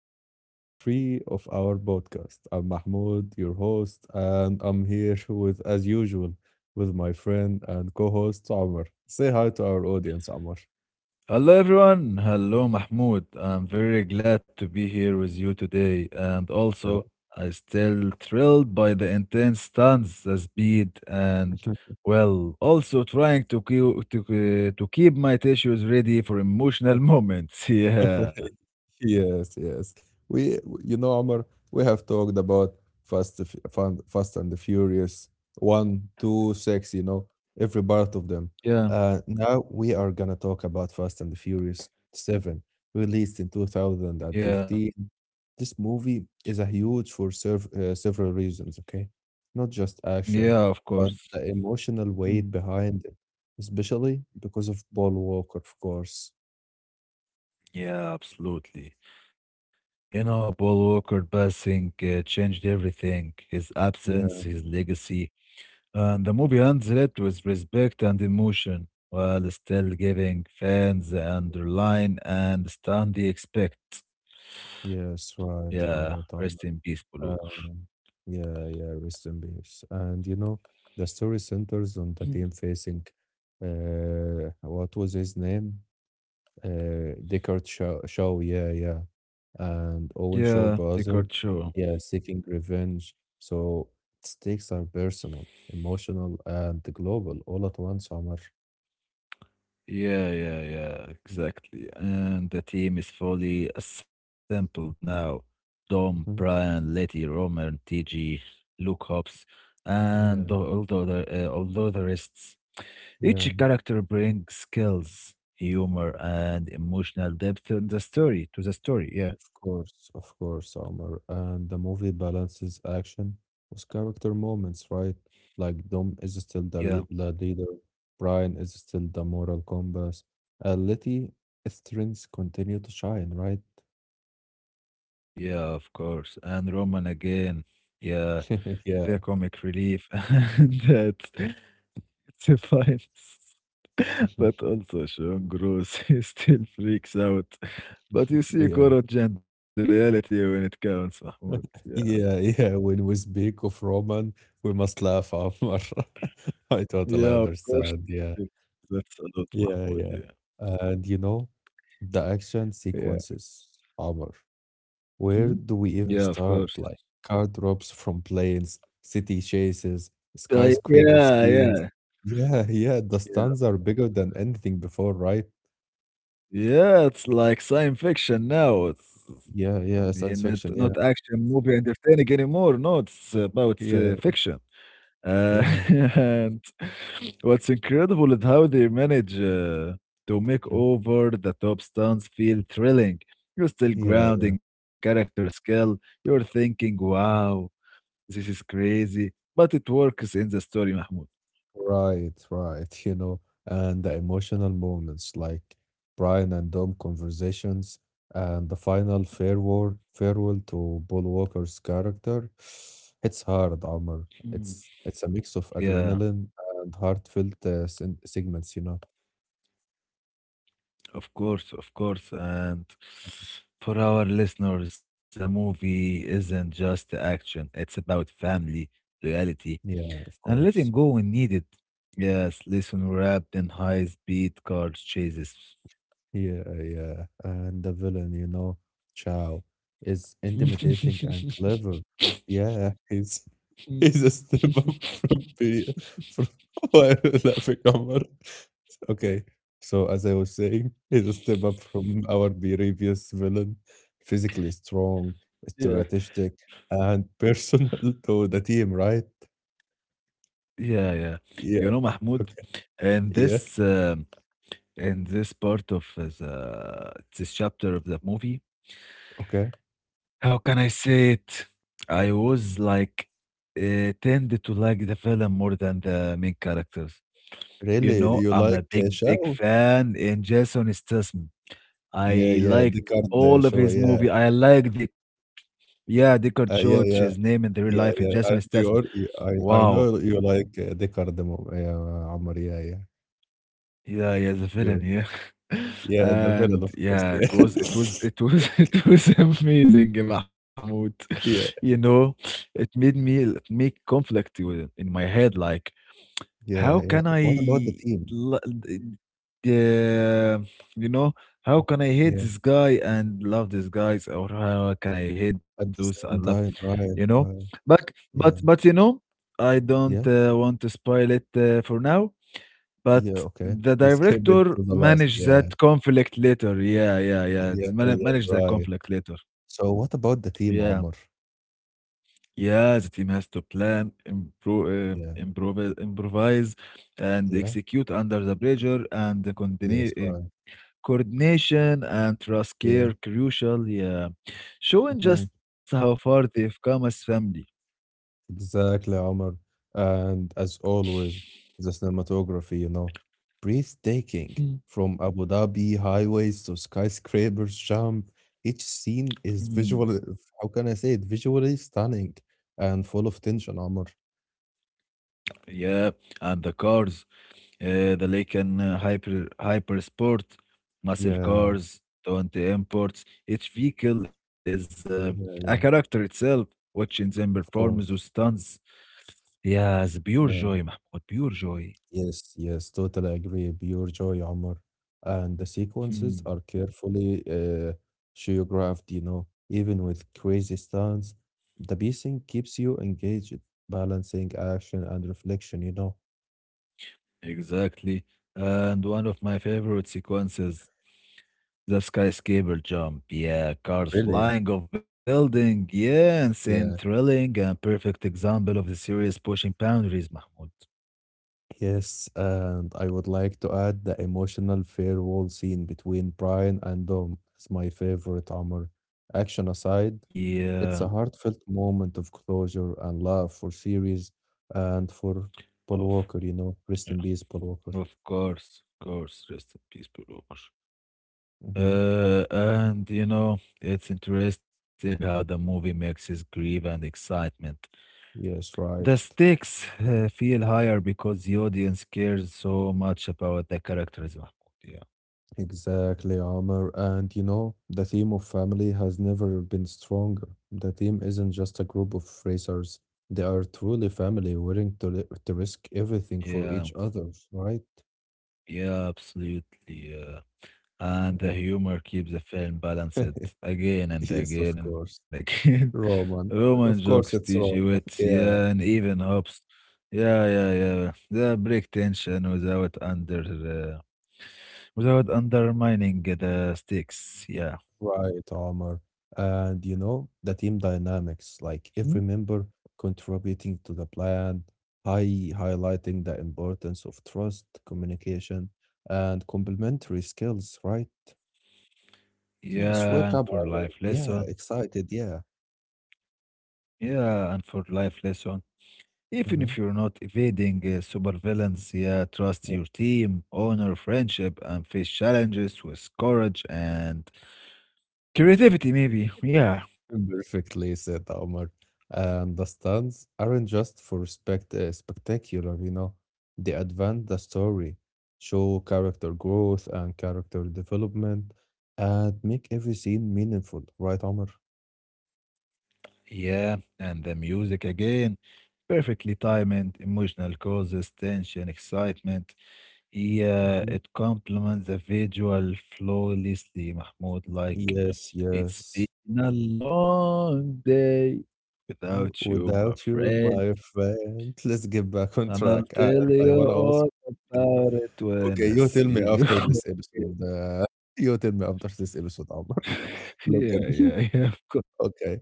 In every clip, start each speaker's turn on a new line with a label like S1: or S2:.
S1: back to part three of our podcast. I'm Mahmoud, your host, and I'm here with, as usual, with my friend and co host, Amr. Say hi to our audience, Amr.
S2: Hello everyone. Hello Mahmoud. I'm very glad to be here with you today, and also I still thrilled by the intense stunts, the speed, and well, also trying to keep my tissues ready for emotional
S1: Okay.
S2: moments. Yeah.
S1: Yes, yes. We, Omar, we have talked about Fast and the Furious, one, two, six, you know, every part of them.
S2: Yeah.
S1: Now we are gonna talk about Fast and the Furious seven, released in
S2: Yeah.
S1: 2015. This movie is a huge for serv several reasons, okay? Not just
S2: Yeah, of
S1: action,
S2: course.
S1: but the emotional
S2: Mm.
S1: weight behind it, especially because of Paul Walker, of course.
S2: Yeah, absolutely. You know, Paul Walker passing changed everything. His absence,
S1: Yeah.
S2: his legacy, and the movie ends it with respect and emotion, while still giving fans the underline and stand the expect.
S1: Yes,
S2: Yeah,
S1: right,
S2: rest
S1: right,
S2: in
S1: Omar.
S2: peace, Buluk.
S1: Um, yeah, yeah, rest in peace. And you know, the story centers on the team facing what was his name? Deckard Shaw, Shaw, yeah, yeah. And
S2: Yeah,
S1: Owen Shaw brother,
S2: Pikachu.
S1: yeah, seeking revenge. So stakes are personal, emotional, and global all at once, Omar.
S2: Yeah, yeah, yeah, exactly. And the team is fully assembled now. Dom, Brian,
S1: Mhm.
S2: Letty, Roman, TG, Luke Hobbs, and
S1: Yeah,
S2: all the other rests. Each
S1: yeah.
S2: character brings skills, humor, and emotional depth in the story to the story. Yeah,
S1: Of course, Omar. And the movie balances action with character moments, right? Like Dom is still
S2: yeah,
S1: the leader, Brian is still the moral compass, and Letty strengths continue to shine, right?
S2: yeah, of course. And Roman again, yeah, their
S1: Yeah.
S2: comic relief and that defines. But also Sean Gross, he still freaks out. But you see
S1: Yeah.
S2: courage and loyalty when it counts, Mahmoud. Yeah,
S1: Yeah, yeah. When we speak of Roman, we must laugh, Omar. I
S2: yeah,
S1: totally
S2: of course.
S1: understand. Yeah.
S2: That's a lot,
S1: Yeah,
S2: Mahmoud.
S1: yeah.
S2: Yeah,
S1: And you know, the action
S2: yeah,
S1: sequences, Omar.
S2: mhm,
S1: Where do we
S2: yeah, of
S1: even
S2: course.
S1: start? Like car drops from planes, city chases, skyscraper
S2: Yeah,
S1: scenes.
S2: yeah,
S1: Yeah, yeah, the
S2: yeah.
S1: stunts are bigger than anything before, right?
S2: Yeah, it's like science fiction now. It's
S1: Yeah,
S2: you
S1: yeah,
S2: not
S1: science
S2: not
S1: fiction. Yeah,
S2: action movie entertaining anymore. No, it's about
S1: yeah,
S2: fiction. Uh,
S1: yeah.
S2: and what's incredible is how they manage to make
S1: Mhm.
S2: over the top stunts feel thrilling. You're still
S1: Yeah.
S2: grounded in character skill. You're thinking, wow, this is crazy. But it works in the story, Mahmoud.
S1: Right, right, you know, and the emotional moments like Brian and Dom conversations and the final farewell to Paul Walker's character. It's hard, Amr. It's
S2: Mm.
S1: it's a mix of adrenaline
S2: Yeah.
S1: and heartfelt segments, you know.
S2: Of course, of course. And for our listeners, the movie isn't just action, it's about family, loyalty,
S1: Yeah, of course.
S2: and letting go when needed. Yes, listen wrapped in high speed car chases.
S1: Yeah, yeah. And the villain, you know, Chow, is intimidating and clever. Yeah, he's a step up from be from why is laughing Omar. Okay, so as I was saying, he's a step up from our previous villain, physically strong,
S2: Yeah,
S1: strategic, and personal to the team, right?
S2: yeah, yeah.
S1: Yeah.
S2: You know,
S1: Okay.
S2: Mahmoud,
S1: Yeah.
S2: in this um, in this part of the this chapter of the movie,
S1: Okay.
S2: how can I say it? I was like tend to like the villain more than the main characters. You
S1: Really,
S2: know,
S1: you
S2: I'm
S1: like
S2: a big, big
S1: Chow?
S2: fan in Jason Statham.
S1: Yeah,
S2: I
S1: yeah,
S2: like
S1: Deckard
S2: all of
S1: Shaw,
S2: his
S1: yeah.
S2: movie. I like the yeah, Deckard Church,
S1: Yeah,
S2: his
S1: yeah,
S2: name in the real life is
S1: yeah, yeah.
S2: Jason
S1: And
S2: Statham.
S1: you are, I
S2: Wow.
S1: know you like yeah, Ammar, yeah, yeah.
S2: Yeah, yeah, the villain,
S1: You,
S2: yeah.
S1: yeah, the villain,
S2: And
S1: of course,
S2: yeah,
S1: yeah.
S2: it was it was it was it was amazing, Mahmoud. You
S1: yeah,
S2: know, it made me make conflict with, in my head, like how
S1: yeah, yeah.
S2: can
S1: What about the
S2: I
S1: team?
S2: l- d- the you know, how can I hate
S1: Yeah,
S2: this guy and love this guys, or how can I hate
S1: at
S2: those
S1: the
S2: I love,
S1: same time,
S2: you
S1: right,
S2: know?
S1: right.
S2: But but
S1: Yeah,
S2: but you know, I don't
S1: yeah,
S2: want to spoil it for now.
S1: yeah,
S2: But
S1: okay.
S2: the
S1: Let's keep it
S2: director
S1: to the last,
S2: managed
S1: yeah,
S2: that conflict later. Yeah, yeah, yeah. The
S1: yeah, yeah,
S2: manage that
S1: right.
S2: conflict later.
S1: So what about the
S2: Yeah.
S1: team, Ammar?
S2: Yeah, the team has to plan,
S1: Yeah,
S2: improvise, and
S1: yeah,
S2: execute under the pressure, and the
S1: yes, right,
S2: coordination and trust
S1: yeah.
S2: care crucial. Yeah. Showing
S1: Mm-hmm.
S2: just how far they've come as family.
S1: Exactly, Omar. And as always, the cinematography, you know, breathtaking.
S2: Mhm.
S1: From Abu Dhabi highways to skyscrapers, jump. Each scene is
S2: Mhm.
S1: visual. How can I say it? Visually stunning and full of tension, Omar.
S2: Yeah, and the cars. The lake uh, hyper sport muscle
S1: Yeah,
S2: cars 20 imports, each vehicle is a
S1: yeah, yeah.
S2: character itself watching them perform
S1: Of
S2: those
S1: course.
S2: stunts. Yeah, the pure joy,
S1: Yeah.
S2: Mahmoud, pure joy.
S1: Yes, yes, totally agree. Pure joy, Omar. And the sequences
S2: Hmm,
S1: are carefully choreographed, you know, even with crazy stunts. The pacing keeps you engaged, balancing action and reflection, you know.
S2: exactly. And one of my favorite sequences, the skyscraper jump, yeah, cars
S1: Really?
S2: flying off building, yeah, insane,
S1: Yeah.
S2: thrilling, a perfect example of the series pushing boundaries, Mahmoud.
S1: Yes, and I would like to add the emotional farewell scene between Brian and Dom as my favorite armor. Action aside,
S2: Yeah
S1: it's a heartfelt moment of closure and love for series and for Paul
S2: of.
S1: Walker, you know. Rest in peace, Paul Walker.
S2: Of course, of course. Rest in peace, Baruch.
S1: Hmm.
S2: And you know, it's interesting how the movie mixes grief and excitement.
S1: Yes, right.
S2: The stakes feel higher because the audience cares so much about the characters. Mahmoud. Yeah,
S1: Exactly, Omar. And you know, the theme of family has never been stronger. The team isn't just a group of racers, they are truly family, willing to, to risk everything for each
S2: yeah,
S1: other, right?
S2: yeah, absolutely. Yeah.
S1: Yeah.
S2: And the humor keeps the film balanced again
S1: Yes, of
S2: and again
S1: course.
S2: and again.
S1: Roman.
S2: Roman
S1: Of course,
S2: jokes,
S1: it's
S2: TG
S1: Roman.
S2: wits,
S1: Yeah.
S2: yeah, and even hops. Yeah, yeah, yeah. They break tension without under uh, without undermining the stakes. Yeah,
S1: Right, Omar. And you know, the team dynamics,
S2: hmm?
S1: like every member contributing to the plan, highlighting the importance of trust, communication, and complementary skills, right? Yes,
S2: Yeah,
S1: wake
S2: and
S1: up,
S2: for
S1: Omar.
S2: life
S1: Yeah,
S2: lesson.
S1: excited. Yeah.
S2: Yeah, and for life lesson. Even if
S1: Hmm.
S2: you're not evading supervillains, yeah, trust your team, honor friendship, and face challenges with courage and creativity, maybe. Yeah.
S1: Perfectly said, Omar. And the stands aren't just for spectacular, you know. They advance the story, show character growth and character development, and make every scene meaningful, right, Omar?
S2: Yeah, and the music again. Perfectly timed, emotional causes, tension, excitement. Yeah,
S1: Mhm.
S2: it complements the visual flawlessly, Mahmoud. Like,
S1: Yes,
S2: it's
S1: yes.
S2: been a long day
S1: Yeah,
S2: without you, my
S1: without you,
S2: friend.
S1: my friend. Let's get back on
S2: And I'll
S1: track.
S2: tell
S1: And I
S2: you
S1: wanna also.
S2: all about it when
S1: Okay,
S2: I
S1: you tell me
S2: see you.
S1: after this episode. You tell me after this episode, Omar. Look at
S2: Yeah, yeah, yeah, of course.
S1: Okay.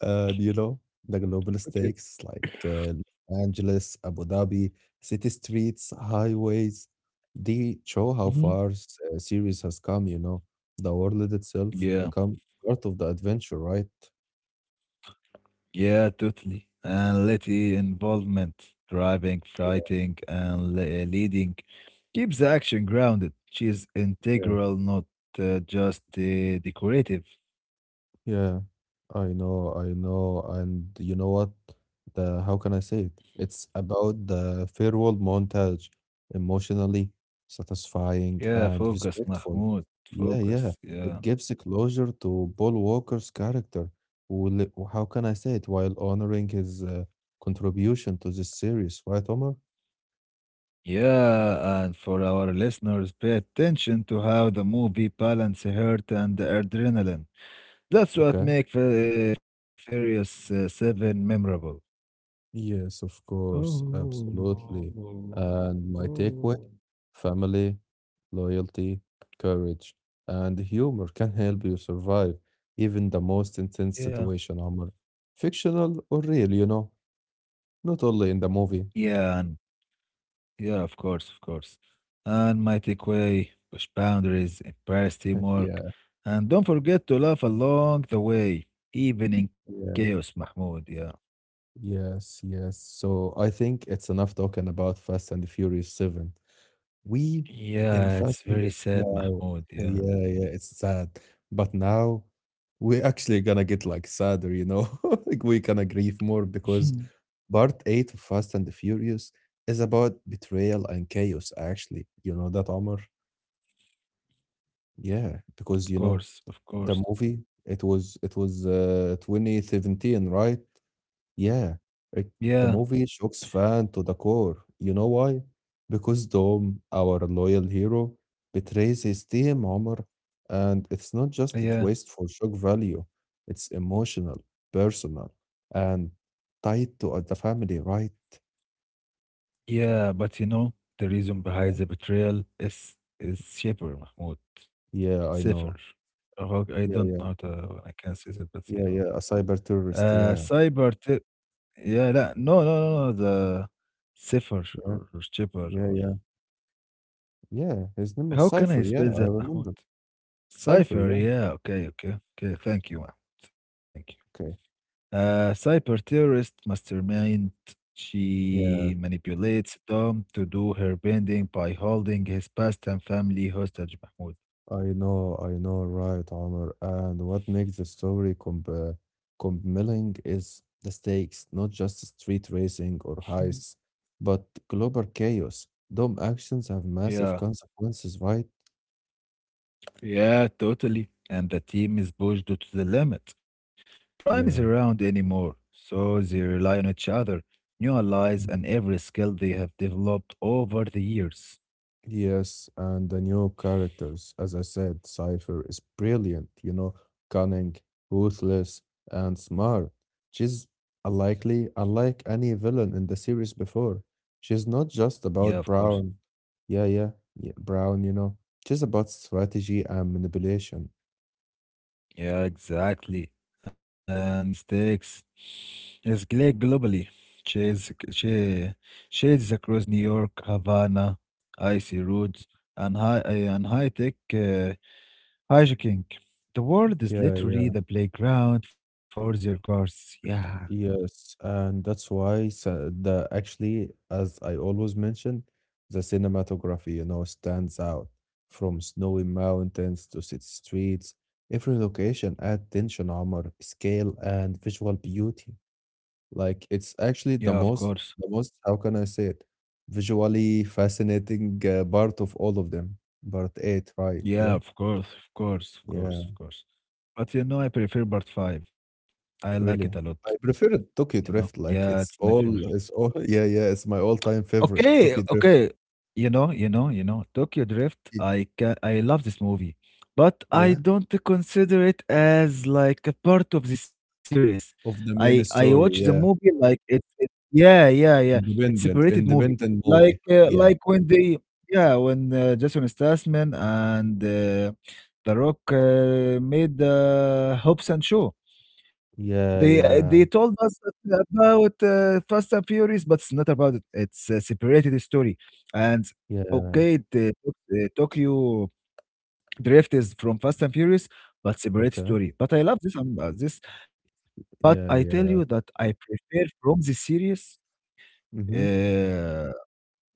S1: Do you know the
S2: Okay.
S1: global stakes like Los Angeles, Abu Dhabi, city streets, highways? They show how
S2: Hmm.
S1: far series has come, you know. The world itself
S2: Yeah.
S1: become part of the adventure, right?
S2: Yeah, totally. And little involvement, driving, fighting, and leading keeps the action grounded. She is
S1: Yeah.
S2: integral, not just decorative.
S1: Yeah, I know, and you know what? The how can I say it? It's about the farewell montage, emotionally satisfying
S2: Yeah,
S1: and
S2: focus,
S1: respectful.
S2: Mahmoud.
S1: Yeah, yeah.
S2: Focus.
S1: It
S2: Yeah.
S1: gives a closure to Paul Walker's character, who, how can I say it, while honoring his contribution to this series, right, Omar?
S2: Yeah, and for our listeners, pay attention to how the movie balances hurt and adrenaline. That's what
S1: Okay.
S2: makes Furious 7 memorable.
S1: Yes, of
S2: Oh,
S1: course, absolutely.
S2: oh,
S1: And my takeaway,
S2: oh.
S1: family, loyalty, courage, and humor can help you survive even the most intense
S2: Yeah.
S1: situation, Omar. Fictional or real, you know, not only in the movie.
S2: Yeah, and yeah, of course, of course. And my takeaway, push boundaries, embrace teamwork,
S1: Yeah,
S2: and don't forget to laugh along the way, even in chaos,
S1: yeah.
S2: Mahmoud. Yeah.
S1: Yes, yes. So I think it's enough talking about Fast and Furious 7. We
S2: Yeah,
S1: in
S2: it's
S1: Fast and
S2: very
S1: the
S2: sad,
S1: no.
S2: Mahmoud.
S1: Yeah,
S2: Yeah.
S1: yeah, it's sad. But now we're actually gonna get like sadder, you know? Like we're gonna grieve more because part eight of Fast and the Furious is about betrayal and chaos, actually. You know that, Omar? Yeah, because
S2: Of
S1: you know
S2: course, of
S1: the
S2: course.
S1: movie it was 2017, right? Yeah, it
S2: Yeah,
S1: the movie shocks fans to the core. You know why? Because Dom, our loyal hero, betrays his team, Omar, and it's not just a
S2: yeah,
S1: twist for shock value. It's emotional, personal, and tied to the family, right?
S2: yeah. But you know, the reason behind the betrayal is Shipper, Mahmoud.
S1: Yeah, I
S2: Safer.
S1: know.
S2: I
S1: Yeah,
S2: don't
S1: yeah,
S2: know how to, I can't say that, but
S1: yeah,
S2: you
S1: yeah. A
S2: know.
S1: cyber terrorist. Yeah,
S2: Cyber. Yeah, that no, no, no, no, the safer,
S1: yeah,
S2: or cheaper,
S1: yeah,
S2: or
S1: yeah, yeah. His name was
S2: how can
S1: Cipher.
S2: I
S1: Yeah,
S2: spell
S1: I
S2: that, Mahmoud?
S1: remember. Cipher.
S2: Cipher,
S1: Yeah.
S2: yeah, okay, okay, okay. Thank you, Mahmoud. Thank
S1: Okay.
S2: you. Cyber terrorist mastermind. She
S1: Yeah.
S2: manipulates Dom to do her bending by holding his past and family hostage, Mahmoud.
S1: I know, right, Omar. And what makes the story compelling is the stakes, not just street racing or
S2: Mm.
S1: heists, but global chaos. Dumb actions have
S2: Yeah.
S1: massive consequences, right?
S2: Yeah, totally. And the team is pushed to the limit. Prime is
S1: Yeah.
S2: around anymore, so they rely on each other, new allies, and every skill they have developed over the years.
S1: Yes, and the new characters, as I said, Cypher is brilliant, you know, cunning, ruthless, and smart. She's Unlike any villain in the series before. She's not just
S2: Yeah, of
S1: about
S2: course.
S1: Brown. Yeah, yeah, yeah, Brown, you know. She's about strategy and manipulation.
S2: Yeah, exactly. And stakes is great globally. Chase, shades across New York, Havana, icy roads, and high tech hijacking. The world is
S1: Yeah,
S2: literally
S1: yeah.
S2: the playground for their cars. Yeah,
S1: Yes, and that's why sa- the actually, as I always mention, the cinematography, you know, stands out from snowy mountains to city streets. Every location adds tension, armor, scale, and visual beauty. Like it's
S2: yeah,
S1: actually
S2: of course.
S1: the most, how can I say it? Visually fascinating part of all of them. Part eight, right?
S2: Yeah,
S1: Yeah.
S2: of course, of course, of
S1: Yeah.
S2: course, of course. But you know, I prefer part 5. I like it a lot,
S1: Really? I prefer
S2: you
S1: it
S2: know?
S1: Tokyo Drift,
S2: Yeah, it's
S1: like
S2: my favorite.
S1: it's all yeah, yeah, it's my all-time favorite,
S2: Okay,
S1: Tokyo Drift.
S2: okay. You know, you know, you know, Tokyo Drift,
S1: Yeah.
S2: I can, I love this movie, but I
S1: Yeah.
S2: don't consider it as like a part of the series. I
S1: Of the
S2: I
S1: main
S2: watch the
S1: story,
S2: movie
S1: yeah.
S2: like it's it, yeah, yeah, yeah. It's
S1: Independent,
S2: separated movie.
S1: independent movie. Yeah.
S2: Like when they yeah, when Jason Statham and The Rock made the Hobbs and Shaw.
S1: Yeah, yeah.
S2: They told us about Fast and Furious, but it's not about it. It's a separated story. And
S1: Yeah,
S2: okay, the Tokyo Drift is from Fast and Furious, but separate
S1: okay.
S2: story. But I love this this. But I tell
S1: Yeah,
S2: you that
S1: yeah.
S2: I prefer from the series
S1: Mhm.
S2: uh,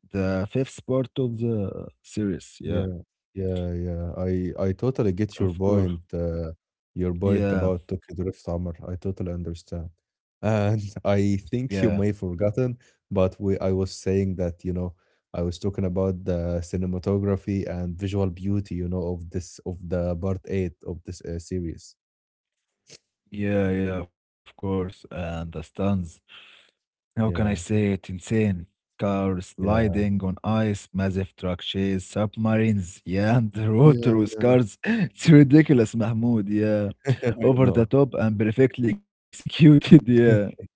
S2: the fifth part of the series. Yeah,
S1: Yeah, yeah, yeah. I totally get
S2: of course.
S1: your point
S2: Yeah,
S1: about Tokyo Drift Summer. I totally understand. And I
S2: yeah,
S1: think you may forgotten, but we I was saying that, you know, I was talking about the cinematography and visual beauty, you know, of this of the part eight of this series.
S2: yeah, yeah. Of course, I understand. How can I
S1: Yeah,
S2: say it? Insane. Cars
S1: yeah.
S2: sliding on ice, massive truck chase, submarines, yeah, underwater with
S1: Yeah,
S2: cars. It's ridiculous, Mahmoud, yeah.
S1: I
S2: Over the
S1: know.
S2: top and perfectly executed, yeah.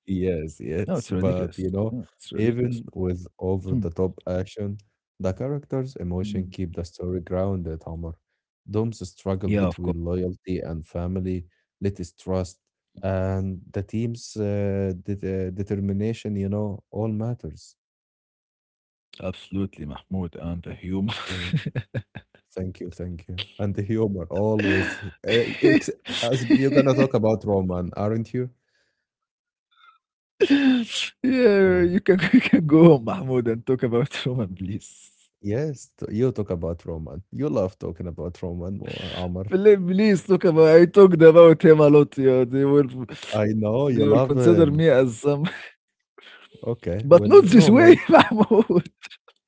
S1: Yes,
S2: No, it's
S1: yes,
S2: ridiculous.
S1: but you
S2: Yeah,
S1: know,
S2: it's ridiculous.
S1: even with
S2: Hmm.
S1: over-the-top action, the characters' emotion
S2: Hmm.
S1: keep the story grounded, Omar. Dom's struggle
S2: Yeah, of course.
S1: between loyalty and family, Letty's trust, and the team's determination, you know, all matters.
S2: Absolutely, Mahmoud, and the humor.
S1: Yeah, thank you, thank you. And the humor always. Ex As you're gonna talk about Roman, aren't you?
S2: Yeah, you can,
S1: Oh,
S2: you can go home, Mahmoud, and talk about Roman, please.
S1: yes, you talk about Roman. You love talking about Roman, Omar.
S2: Please, please talk about I talked about him a lot. Yeah,
S1: I
S2: they
S1: know
S2: will
S1: you love
S2: consider me
S1: him.
S2: as some, but
S1: Okay,
S2: not
S1: well,
S2: this way,
S1: Roman,
S2: Mahmoud.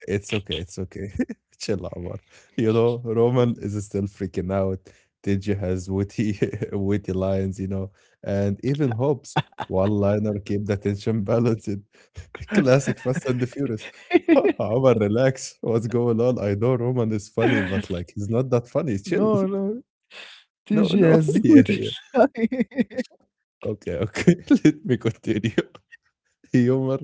S1: it's okay. Chill, Omar. You know, Roman is still freaking out. Tinji has witty, witty lines, you know, and even Hobbs one-liner keep the tension balanced. Classic Fast and the Furious. Omar, relax. What's going on? I know Roman is funny, but like he's not that funny. Chill.
S2: No, no.
S1: No,
S2: TG
S1: no.
S2: has
S1: Yeah, yeah.
S2: Swedish.
S1: Okay, okay. Let me continue. humor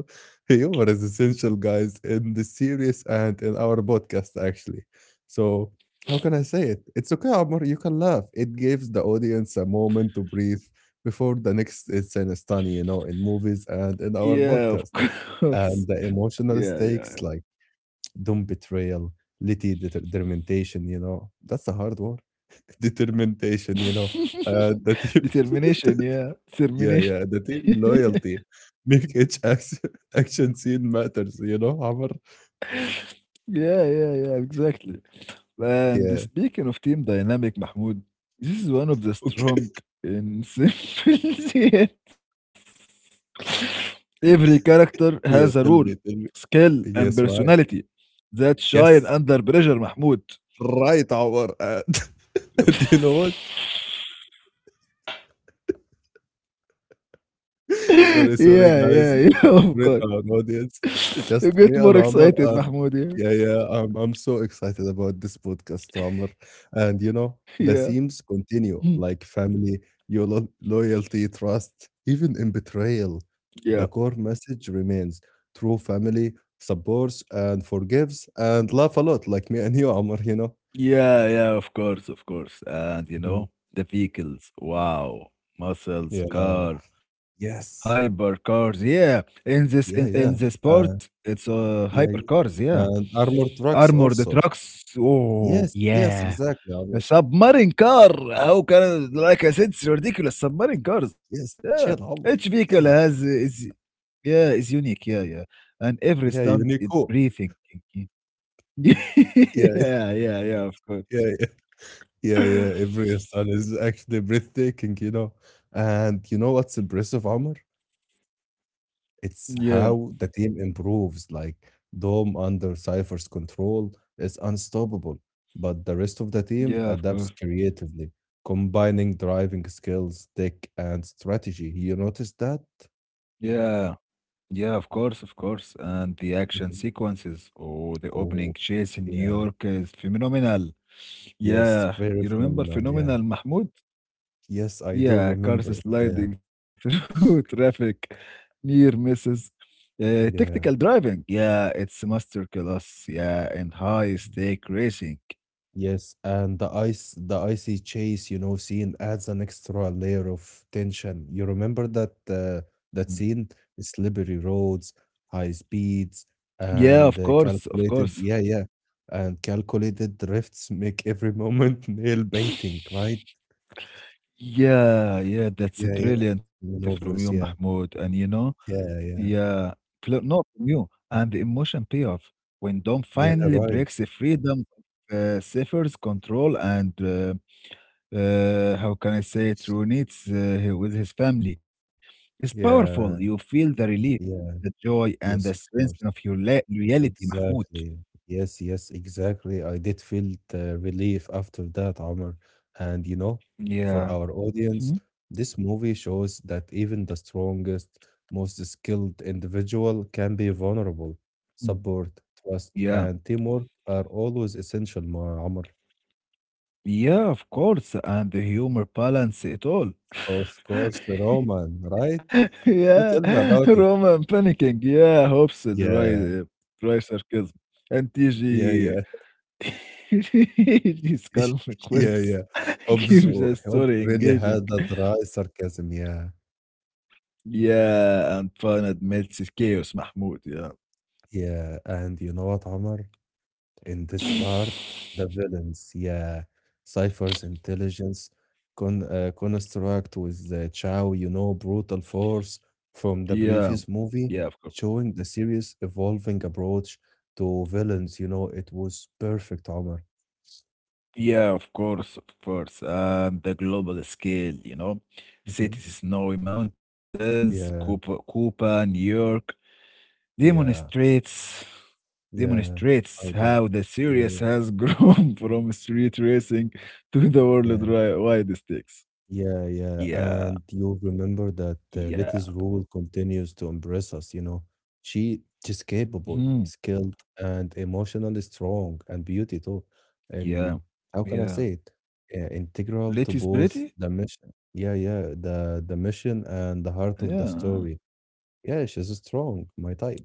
S1: Humor is essential guys in the series and in our podcast actually. So how can I say it, it's okay Omar, you can laugh, it gives the audience a moment to breathe before the next is in a stun, you know, in movies and in our
S2: Yeah, of
S1: podcast.
S2: course.
S1: And the
S2: Yeah,
S1: emotional
S2: yeah.
S1: stakes like doom betrayal, litty determination, you know, that's a hard word. Determination, you know, the team
S2: Determination, yeah.
S1: yeah, yeah,
S2: Determination.
S1: the team loyalty. Make each action action scene matters, you know, Amr?
S2: Yeah, yeah, yeah, exactly. And
S1: Yeah.
S2: speaking of team dynamic, Mahmoud, this is one of the
S1: Okay.
S2: strong and simple yet every character has a
S1: Yeah,
S2: role,
S1: tell me, tell me.
S2: skill, and
S1: Yes, right.
S2: personality that
S1: Yes,
S2: shine under pressure, Mahmoud.
S1: right, Amr. And, and you know what?
S2: Yeah,
S1: Sorry, sorry, guys.
S2: yeah, yeah, of
S1: Sorry to
S2: course.
S1: our audience. Just
S2: You
S1: me
S2: get
S1: and
S2: more
S1: Amr are,
S2: excited, Mahmoud.
S1: yeah,
S2: Yeah,
S1: yeah. I'm so excited about this podcast, Amr. And you know, the themes
S2: yeah,
S1: continue like
S2: mm,
S1: family, your loyalty, trust, even in betrayal. The
S2: yeah.
S1: core message remains true family supports and forgives and laugh a lot, like me and you, Amr, you know?
S2: Yeah, yeah, of course, of course.
S1: Mhm.
S2: And you know, the vehicles, wow,
S1: Yeah.
S2: muscles, car,
S1: Yes.
S2: hypercars, yeah. In
S1: Yeah,
S2: in
S1: yeah.
S2: this sport,
S1: Uh,
S2: it's
S1: yeah, yeah.
S2: hypercars, yeah.
S1: And armored trucks
S2: Armored
S1: also.
S2: trucks, oh
S1: Yes, yes,
S2: yeah.
S1: exactly,
S2: A
S1: Amr.
S2: submarine car, how can like I said, it's ridiculous. Submarine cars,
S1: Yes,
S2: yeah.
S1: chill,
S2: Each
S1: Amr.
S2: vehicle has
S1: Yeah,
S2: is yeah, is unique, yeah, yeah. And every
S1: yeah,
S2: stunt is
S1: Unico.
S2: breathing.
S1: Yeah,
S2: Yeah, yeah, yeah, of
S1: yeah,
S2: course.
S1: yeah, yeah, yeah. Every style is actually breathtaking. And you know what's impressive, Amr? It's
S2: Yeah,
S1: how the team improves. Like Dom under Cypher's control is unstoppable, but the rest of the team
S2: yeah, of course.
S1: adapts creatively, combining driving skills, tech, and strategy. You notice that?
S2: Yeah, yeah, of course, of course. And the action
S1: Mhm.
S2: sequences or the opening
S1: Oh,
S2: chase in New
S1: yeah.
S2: York is phenomenal.
S1: Yes,
S2: Yeah,
S1: very
S2: you remember
S1: phenomenal. Yeah.
S2: phenomenal Mahmoud?
S1: Yes, I do
S2: Yeah, cars
S1: remember it. Yeah,
S2: sliding through traffic, near misses. Tactical
S1: yeah.
S2: driving. Yeah, it's a masterclass. Yeah, and high
S1: Mhm.
S2: stake racing.
S1: Yes, and the icy chase, scene adds an extra layer of tension. You remember that uh,
S2: Mm.
S1: that scene? The slippery roads, high speeds,
S2: Yeah, of
S1: and
S2: course, of
S1: calculated,
S2: course.
S1: yeah, yeah, and calculated drifts make every moment nail biting, right?
S2: Yeah, yeah, that's
S1: Yeah, yeah.
S2: brilliant from you,
S1: Maneuvers, yeah,
S2: Mahmoud. And you know,
S1: yeah, yeah,
S2: yeah, fl not from you, and the emotion payoff when Dom
S1: yeah.
S2: finally
S1: Right.
S2: breaks the freedom of Cypher's control and how can I say it, reunites with his family. It's powerful. You
S1: Yeah,
S2: feel the relief, the
S1: yeah.
S2: joy, and the
S1: Yes, of
S2: strength of
S1: course.
S2: your la reality, Mahmoud.
S1: Exactly. Yes, yes, exactly. I did feel the relief after that, Omar. And for
S2: Yeah.
S1: our audience,
S2: Mhm.
S1: this movie shows that even the strongest, most skilled individual can be vulnerable.
S2: Mm.
S1: Support, trust,
S2: Yeah.
S1: and teamwork are always essential, Omar.
S2: Yeah, of course. And the humor balance it all.
S1: Of course, Roman, right? You
S2: Yeah,
S1: tell me about it.
S2: Roman panicking. Yeah, hopes dry,
S1: Yeah,
S2: dry sarcasm. And
S1: yeah,
S2: TG,
S1: yeah.
S2: TG's calm
S1: Yeah,
S2: quips
S1: yeah. Hobbes,
S2: keeps the
S1: Hobbes
S2: story
S1: really
S2: engaging.
S1: had that dry sarcasm, yeah.
S2: Yeah, and fun admits it's chaos, Mahmoud. Yeah,
S1: Yeah, and you know what, Omar? In this part, the villains, yeah, Cypher's intelligence construct with the Chow, brutal force from the
S2: yeah,
S1: previous
S2: yeah,
S1: movie,
S2: of course.
S1: showing the series evolving approach to villains. It was perfect, Omar.
S2: Yeah, of course, of course. And the global scale, you know,
S1: Mhm.
S2: cities, snowy mountains, Cuba,
S1: Yeah,
S2: Cuba, New York,
S1: yeah,
S2: demonstrates
S1: yeah,
S2: demonstrates
S1: I do.
S2: how the
S1: Yeah,
S2: series
S1: yeah.
S2: has grown from street racing to the
S1: Yeah.
S2: wide stakes.
S1: Yeah, yeah.
S2: Yeah,
S1: And you'll remember that
S2: yeah,
S1: Letty's role continues to impress us. She she's capable,
S2: mhm,
S1: skilled, and emotionally strong and beauty too.
S2: yeah,
S1: And how can I
S2: yeah.
S1: say it? Integral
S2: Let
S1: to
S2: is
S1: both
S2: pretty.
S1: the mission. Yeah, yeah. The mission and the heart of the
S2: Yeah,
S1: story. Yeah, she's strong, my type.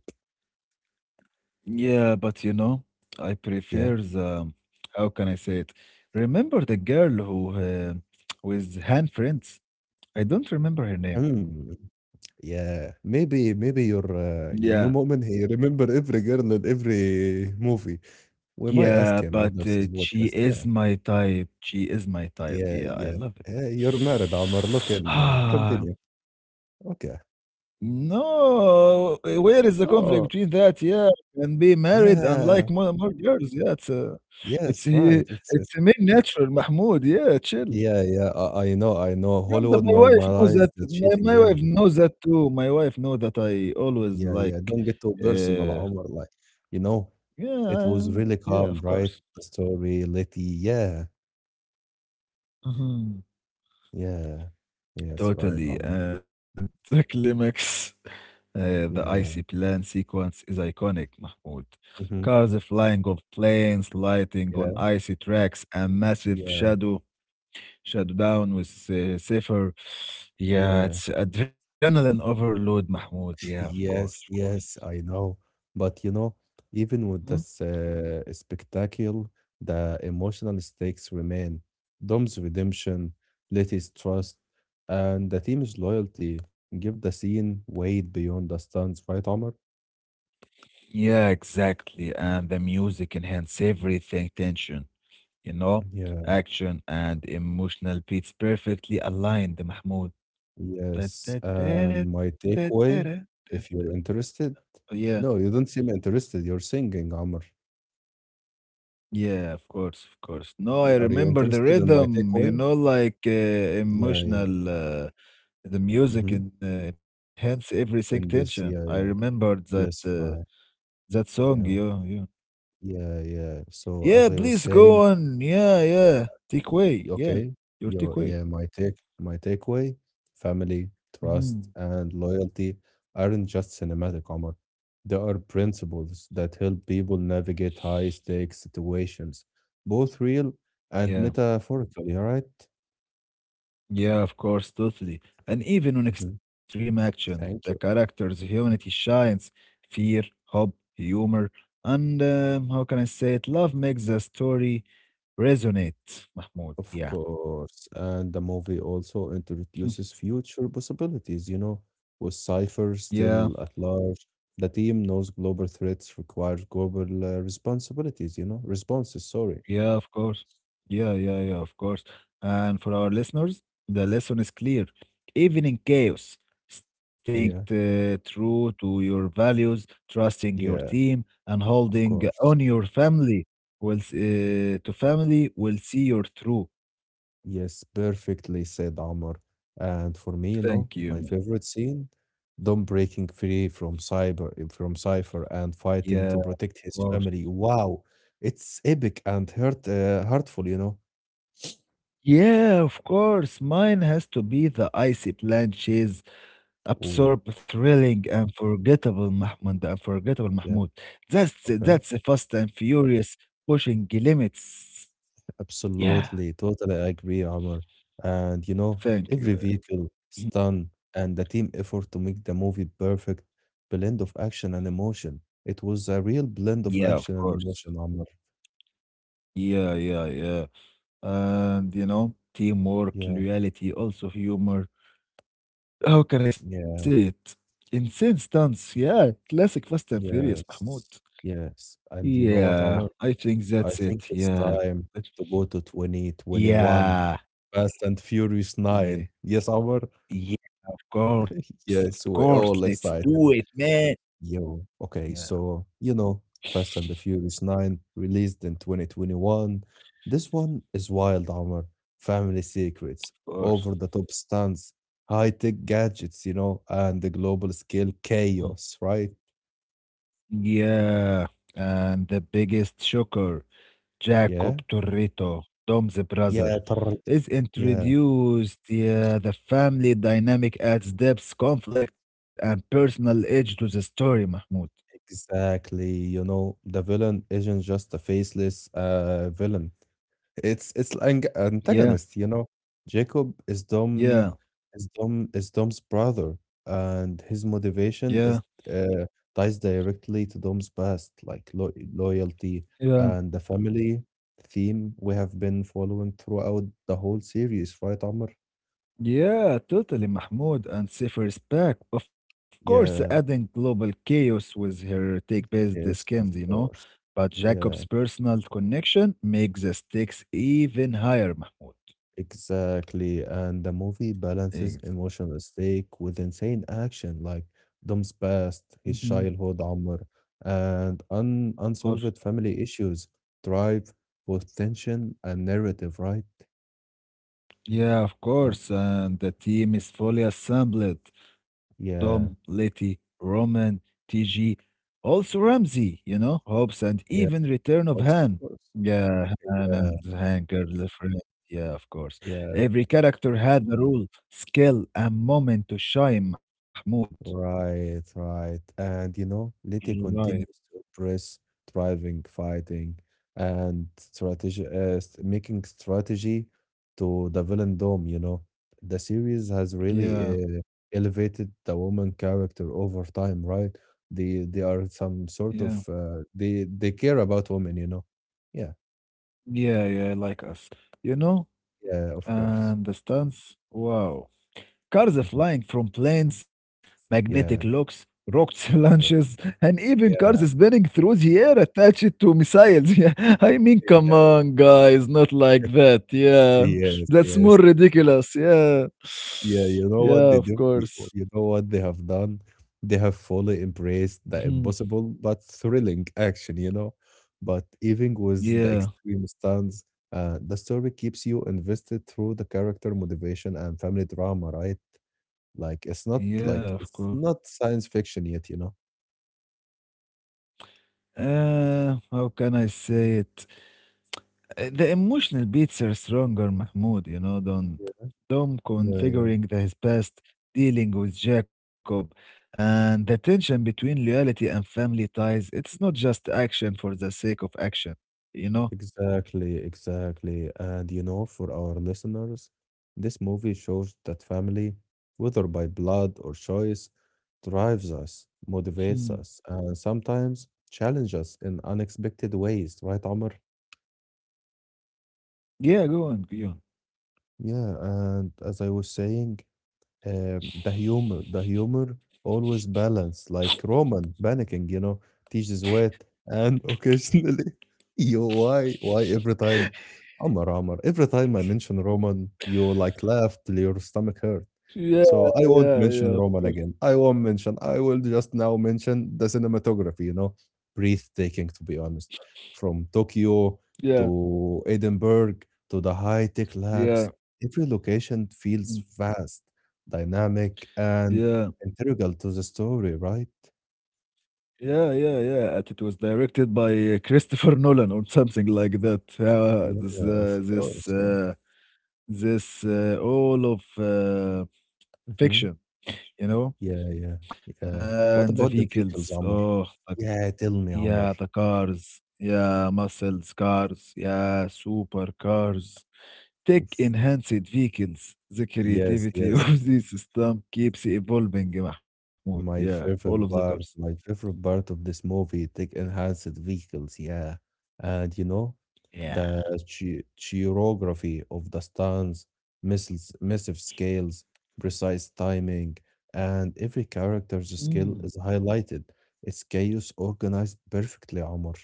S2: yeah. But you know, I
S1: Yeah.
S2: prefer the how can I say it? Remember the girl who with hand friends? I don't remember her name.
S1: Hmm. Yeah. Maybe your you
S2: Yeah,
S1: know moment. He remember every girl in every movie. We might ask
S2: yeah,
S1: him after
S2: but
S1: this
S2: she
S1: podcast. Yeah,
S2: is my type. She is my type.
S1: yeah,
S2: Yeah,
S1: yeah.
S2: I love it.
S1: Hey, you're married, Omar. Look in. Continue. Okay.
S2: No, where is the conflict
S1: Oh,
S2: between that? Yeah, and being married and
S1: yeah.
S2: like more girls. Yeah, it's
S1: Yes, right. It's.
S2: a male natural, Mahmoud. Yeah, chill.
S1: Yeah, yeah. I know.
S2: And
S1: Hollywood
S2: my wife knows that.
S1: normalized the
S2: My
S1: cheating.
S2: my
S1: Yeah,
S2: wife knows that too. My wife know that I always
S1: yeah, yeah.
S2: like,
S1: Don't get too personal,
S2: uh,
S1: Omar. Like, you know, it
S2: yeah,
S1: was really
S2: yeah,
S1: calm,
S2: of
S1: right?
S2: course.
S1: The story, Letty. Yeah,
S2: Mhm.
S1: yeah. Yes, right,
S2: Totally.
S1: Omar.
S2: And the climax, the icy
S1: Yeah, yeah.
S2: plan sequence is iconic, Mahmoud.
S1: Hmm.
S2: Cars flying off planes, lighting on
S1: Yeah,
S2: icy tracks, and massive
S1: yeah,
S2: shadow down with Safer. Yeah,
S1: yeah.
S2: it's adrenaline overload, Mahmoud. Yeah, of course, of
S1: Yes,
S2: course.
S1: yes, I know. But even
S2: Mhm.
S1: with this spectacle, the emotional stakes remain. Dom's redemption, Letty's trust, and the team's loyalty give the scene weight beyond the stunts, right, Omar?
S2: Yeah, exactly. And the music enhance everything tension, you know,
S1: Yeah.
S2: action and emotional beats perfectly aligned, Mahmoud. Da, da,
S1: Yes.
S2: da, da,
S1: And my
S2: da, da, da,
S1: takeaway,
S2: da, da.
S1: if you're interested.
S2: Oh, yeah,
S1: No, you don't seem interested. You're singing, Omar.
S2: yeah, of course, of course. No, I
S1: Are you
S2: remember the
S1: interested in my
S2: rhythm, you
S1: takeaway?
S2: know, like uh,
S1: Yeah, yeah.
S2: emotional, uh, the music
S1: Hmm.
S2: and enhance everything
S1: In
S2: tension.
S1: this,
S2: I
S1: yeah, yeah.
S2: remembered that
S1: Yes, right.
S2: that song,
S1: Yeah.
S2: yeah, yeah.
S1: Yeah, yeah. So as
S2: Yeah,
S1: I was
S2: please go
S1: saying,
S2: on. Yeah, yeah. Take away. Yeah,
S1: okay,
S2: your
S1: yo,
S2: take away.
S1: yeah, my takeaway, family,
S2: Hmm.
S1: trust, and loyalty aren't just cinematic, Omar. They are principles that help people navigate high-stakes situations, both real and
S2: Yeah.
S1: metaphorically, all right?
S2: Yeah, of course, totally. And even on
S1: Mhm.
S2: extreme action, the
S1: Thank you.
S2: character's humanity shines. Fear, hope, humor, and how can I say it? Love makes the story resonate, Mahmoud.
S1: Of
S2: Yeah.
S1: course, and the movie also introduces future possibilities, with Cypher
S2: Yeah.
S1: still at large. The team knows global threats require global responsibilities, responses, sorry.
S2: Yeah, of course. Yeah, yeah, yeah, of course. And for our listeners, the lesson is clear. Even in chaos, staying
S1: Yeah,
S2: true to your values, trusting your
S1: yeah,
S2: team, and
S1: of
S2: holding
S1: course.
S2: on your family will s- to family will see you through.
S1: Yes, perfectly said, Omar. And for me,
S2: Thank you,
S1: my
S2: man.
S1: favorite scene, Dom breaking free from Cypher and
S2: Yeah,
S1: fighting
S2: of
S1: to protect his
S2: course.
S1: family. Wow, it's epic and heartful.
S2: Yeah, of course. Mine has to be the icy planches.
S1: Ooh.
S2: Absorb thrilling and forgettable Mahmoud, the unforgettable
S1: Yeah.
S2: Mahmoud. That's
S1: Okay,
S2: that's a Fast and Furious pushing limits. Yeah,
S1: absolutely. Totally agree, Amr. And
S2: thank you.
S1: every vehicle, stunt, and the team effort to make the movie perfect blend of action and emotion. It was a real blend
S2: Yeah,
S1: of
S2: of
S1: action and
S2: course.
S1: emotion, Amr.
S2: Yeah, yeah, yeah. And you know, teamwork,
S1: Yeah,
S2: loyalty, also humor. How can I say
S1: yeah,
S2: it? Insane stunts. Yeah, classic Fast and Furious, Mahmoud.
S1: yes, yes. And you know what,
S2: Yeah,
S1: Amr?
S2: I think
S1: I
S2: that's
S1: think
S2: it.
S1: it's
S2: Yeah,
S1: time
S2: but
S1: to go to 2021.
S2: yeah,
S1: Fast and Furious 9.
S2: yeah.
S1: Yes, Amr.
S2: Yeah, of course, of
S1: Yes,
S2: course.
S1: we're
S2: Let's
S1: all
S2: do it,
S1: excited.
S2: man.
S1: Yo,
S2: Yeah,
S1: okay, so Fast and the Furious 9 released in 2021. This one is wild armor, family
S2: of
S1: secrets,
S2: course.
S1: over the top stunts, high tech gadgets, and the global scale
S2: Mm.
S1: chaos, right?
S2: Yeah, and the biggest shocker, Jacob
S1: Yeah,
S2: Torrito, Dom's brother,
S1: yeah, Torreta.
S2: is
S1: Yeah,
S2: introduced. Yeah, the family dynamic adds depth, conflict, and personal edge to the story, Mahmoud.
S1: exactly. The villain isn't just a faceless villain. It's ang
S2: Yeah,
S1: antagonist, you know. Jacob is Dom
S2: yeah,
S1: is Dom is Dom's brother, and his
S2: yeah,
S1: motivation is uh, ties directly to Dom's past, like lo loyalty
S2: yeah.
S1: and the family theme we have been following throughout the whole series, right, Amr?
S2: Yeah, totally, Mahmoud, and Cypher's back. Of course, adding
S1: Yeah,
S2: global chaos with her take-based
S1: yes,
S2: schemes, you
S1: of
S2: know.
S1: course.
S2: But Jacob's
S1: Yeah.
S2: personal connection makes the stakes even higher, Mahmoud.
S1: Exactly, and the movie balances
S2: Ex-
S1: emotional stake with insane action like Dom's past, his
S2: mhm.
S1: childhood, Amr, and un
S2: Of course.
S1: unsolved family issues, drive, both tension and narrative, right?
S2: Yeah, of
S1: Uh,
S2: course. And the team is fully assembled. Dom,
S1: yeah,
S2: Letty, Roman, TG, also Ramsey, you know, hopes and
S1: yeah,
S2: even return of
S1: of course.
S2: Han.
S1: Of course.
S2: Yeah, Han
S1: Yeah,
S2: and Hanker, the friend. Yeah, of course.
S1: yeah.
S2: Every character had a role, skill, and moment to shine, Mahmoud.
S1: Right, right. And Leti
S2: Right.
S1: continues to impress, driving, fighting, and strategy, making strategy to the villain dome. The series has
S2: Yeah,
S1: really elevated the woman character over time, right? They are some
S2: yeah.
S1: sort of they care about women. Yeah,
S2: Yeah, yeah, like us. You know,
S1: yeah, of course.
S2: and the stunts, wow. Cars
S1: Mhm.
S2: flying from planes, magnetic
S1: Yeah,
S2: locks, rocket launches,
S1: wow.
S2: and even cars
S1: Yeah,
S2: spinning through the air attached to missiles. Yeah, I mean, come
S1: yeah,
S2: on, guys, not like that. Yeah,
S1: yes,
S2: that's more
S1: yes.
S2: ridiculous. Yeah,
S1: Yeah, you know what
S2: yeah,
S1: they
S2: of
S1: do? You
S2: course.
S1: you know what they have done? They have fully embraced the
S2: Mhm.
S1: impossible but thrilling action, you know? But even with the
S2: Yeah,
S1: extreme stance, the story keeps you invested through the character motivation and family drama, right? Like
S2: yeah, of
S1: it's
S2: course.
S1: not science fiction yet, you know?
S2: How can I say it? The emotional beats are stronger, Mahmoud, you know, than
S1: Yeah.
S2: Dom
S1: Yeah.
S2: configuring the, his past, dealing with Jacob, and the tension between loyalty and family ties. It's not just action for the sake of action, you know?
S1: Exactly, exactly. And For our listeners, this movie shows that family, whether by blood or choice, drives us,
S2: Hmm.
S1: motivates us, and sometimes challenges us in unexpected ways, right, Amr?
S2: Yeah, go on, go on.
S1: Yeah, and as I was saying, the humor always balanced, like Roman panicking, teaches wit and occasionally, yo, why every time, Amar, every time I mention Roman, you like laugh till your stomach hurts.
S2: Yeah,
S1: So I won't
S2: yeah,
S1: mention
S2: yeah, of
S1: Roman
S2: course.
S1: again. I won't mention. I will just now mention the cinematography, breathtaking, to be honest. From Tokyo
S2: Yeah,
S1: to Edinburgh to the high tech labs,
S2: yeah,
S1: every location feels
S2: mm,
S1: vast, dynamic, and
S2: yeah.
S1: integral to the story, right?
S2: Yeah, yeah, yeah. And it was directed by Christopher Nolan or something like that.
S1: Yeah,
S2: This,
S1: of course.
S2: this
S1: Yeah.
S2: this all of
S1: Hmm.
S2: Fiction, you know,
S1: Yeah, yeah, yeah.
S2: and the
S1: What about the
S2: vehicles.
S1: vehicles,
S2: Oh,
S1: Omar?
S2: the,
S1: Yeah, tell me,
S2: yeah, the
S1: Omar.
S2: cars. Yeah, muscles, cars. Yeah, super cars. Tech
S1: Oof.
S2: enhanced vehicles. The
S1: Yes,
S2: creativity
S1: yes.
S2: of this system keeps evolving, Mahmoud. Yeah,
S1: My
S2: all of the
S1: favorite
S2: cars.
S1: part, my favorite part of this movie, take enhanced vehicles, yeah. And the
S2: Yeah.
S1: choreography of the stunts, missiles, massive scales, precise timing, and every character's
S2: Hmm.
S1: skill is highlighted. It's chaos organized perfectly, Omar.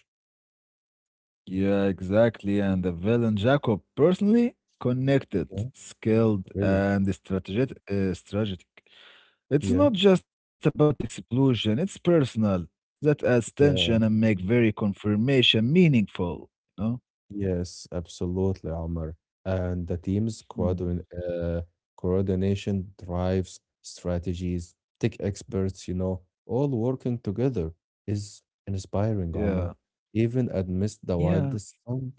S2: Yeah, exactly. And the villain Jacob, personally, connected,
S1: Yeah,
S2: skilled,
S1: really.
S2: and strategic. It's
S1: Yeah,
S2: not just about explosion, it's personal. That adds tension and
S1: yeah.
S2: make very confirmation meaningful, you know?
S1: Yes, absolutely, Omar. And the team's
S2: Mm.
S1: coordination drives strategies, tech experts, all working together is inspiring,
S2: Yeah.
S1: Omar. Even amidst the
S2: Yeah.
S1: wildest storm,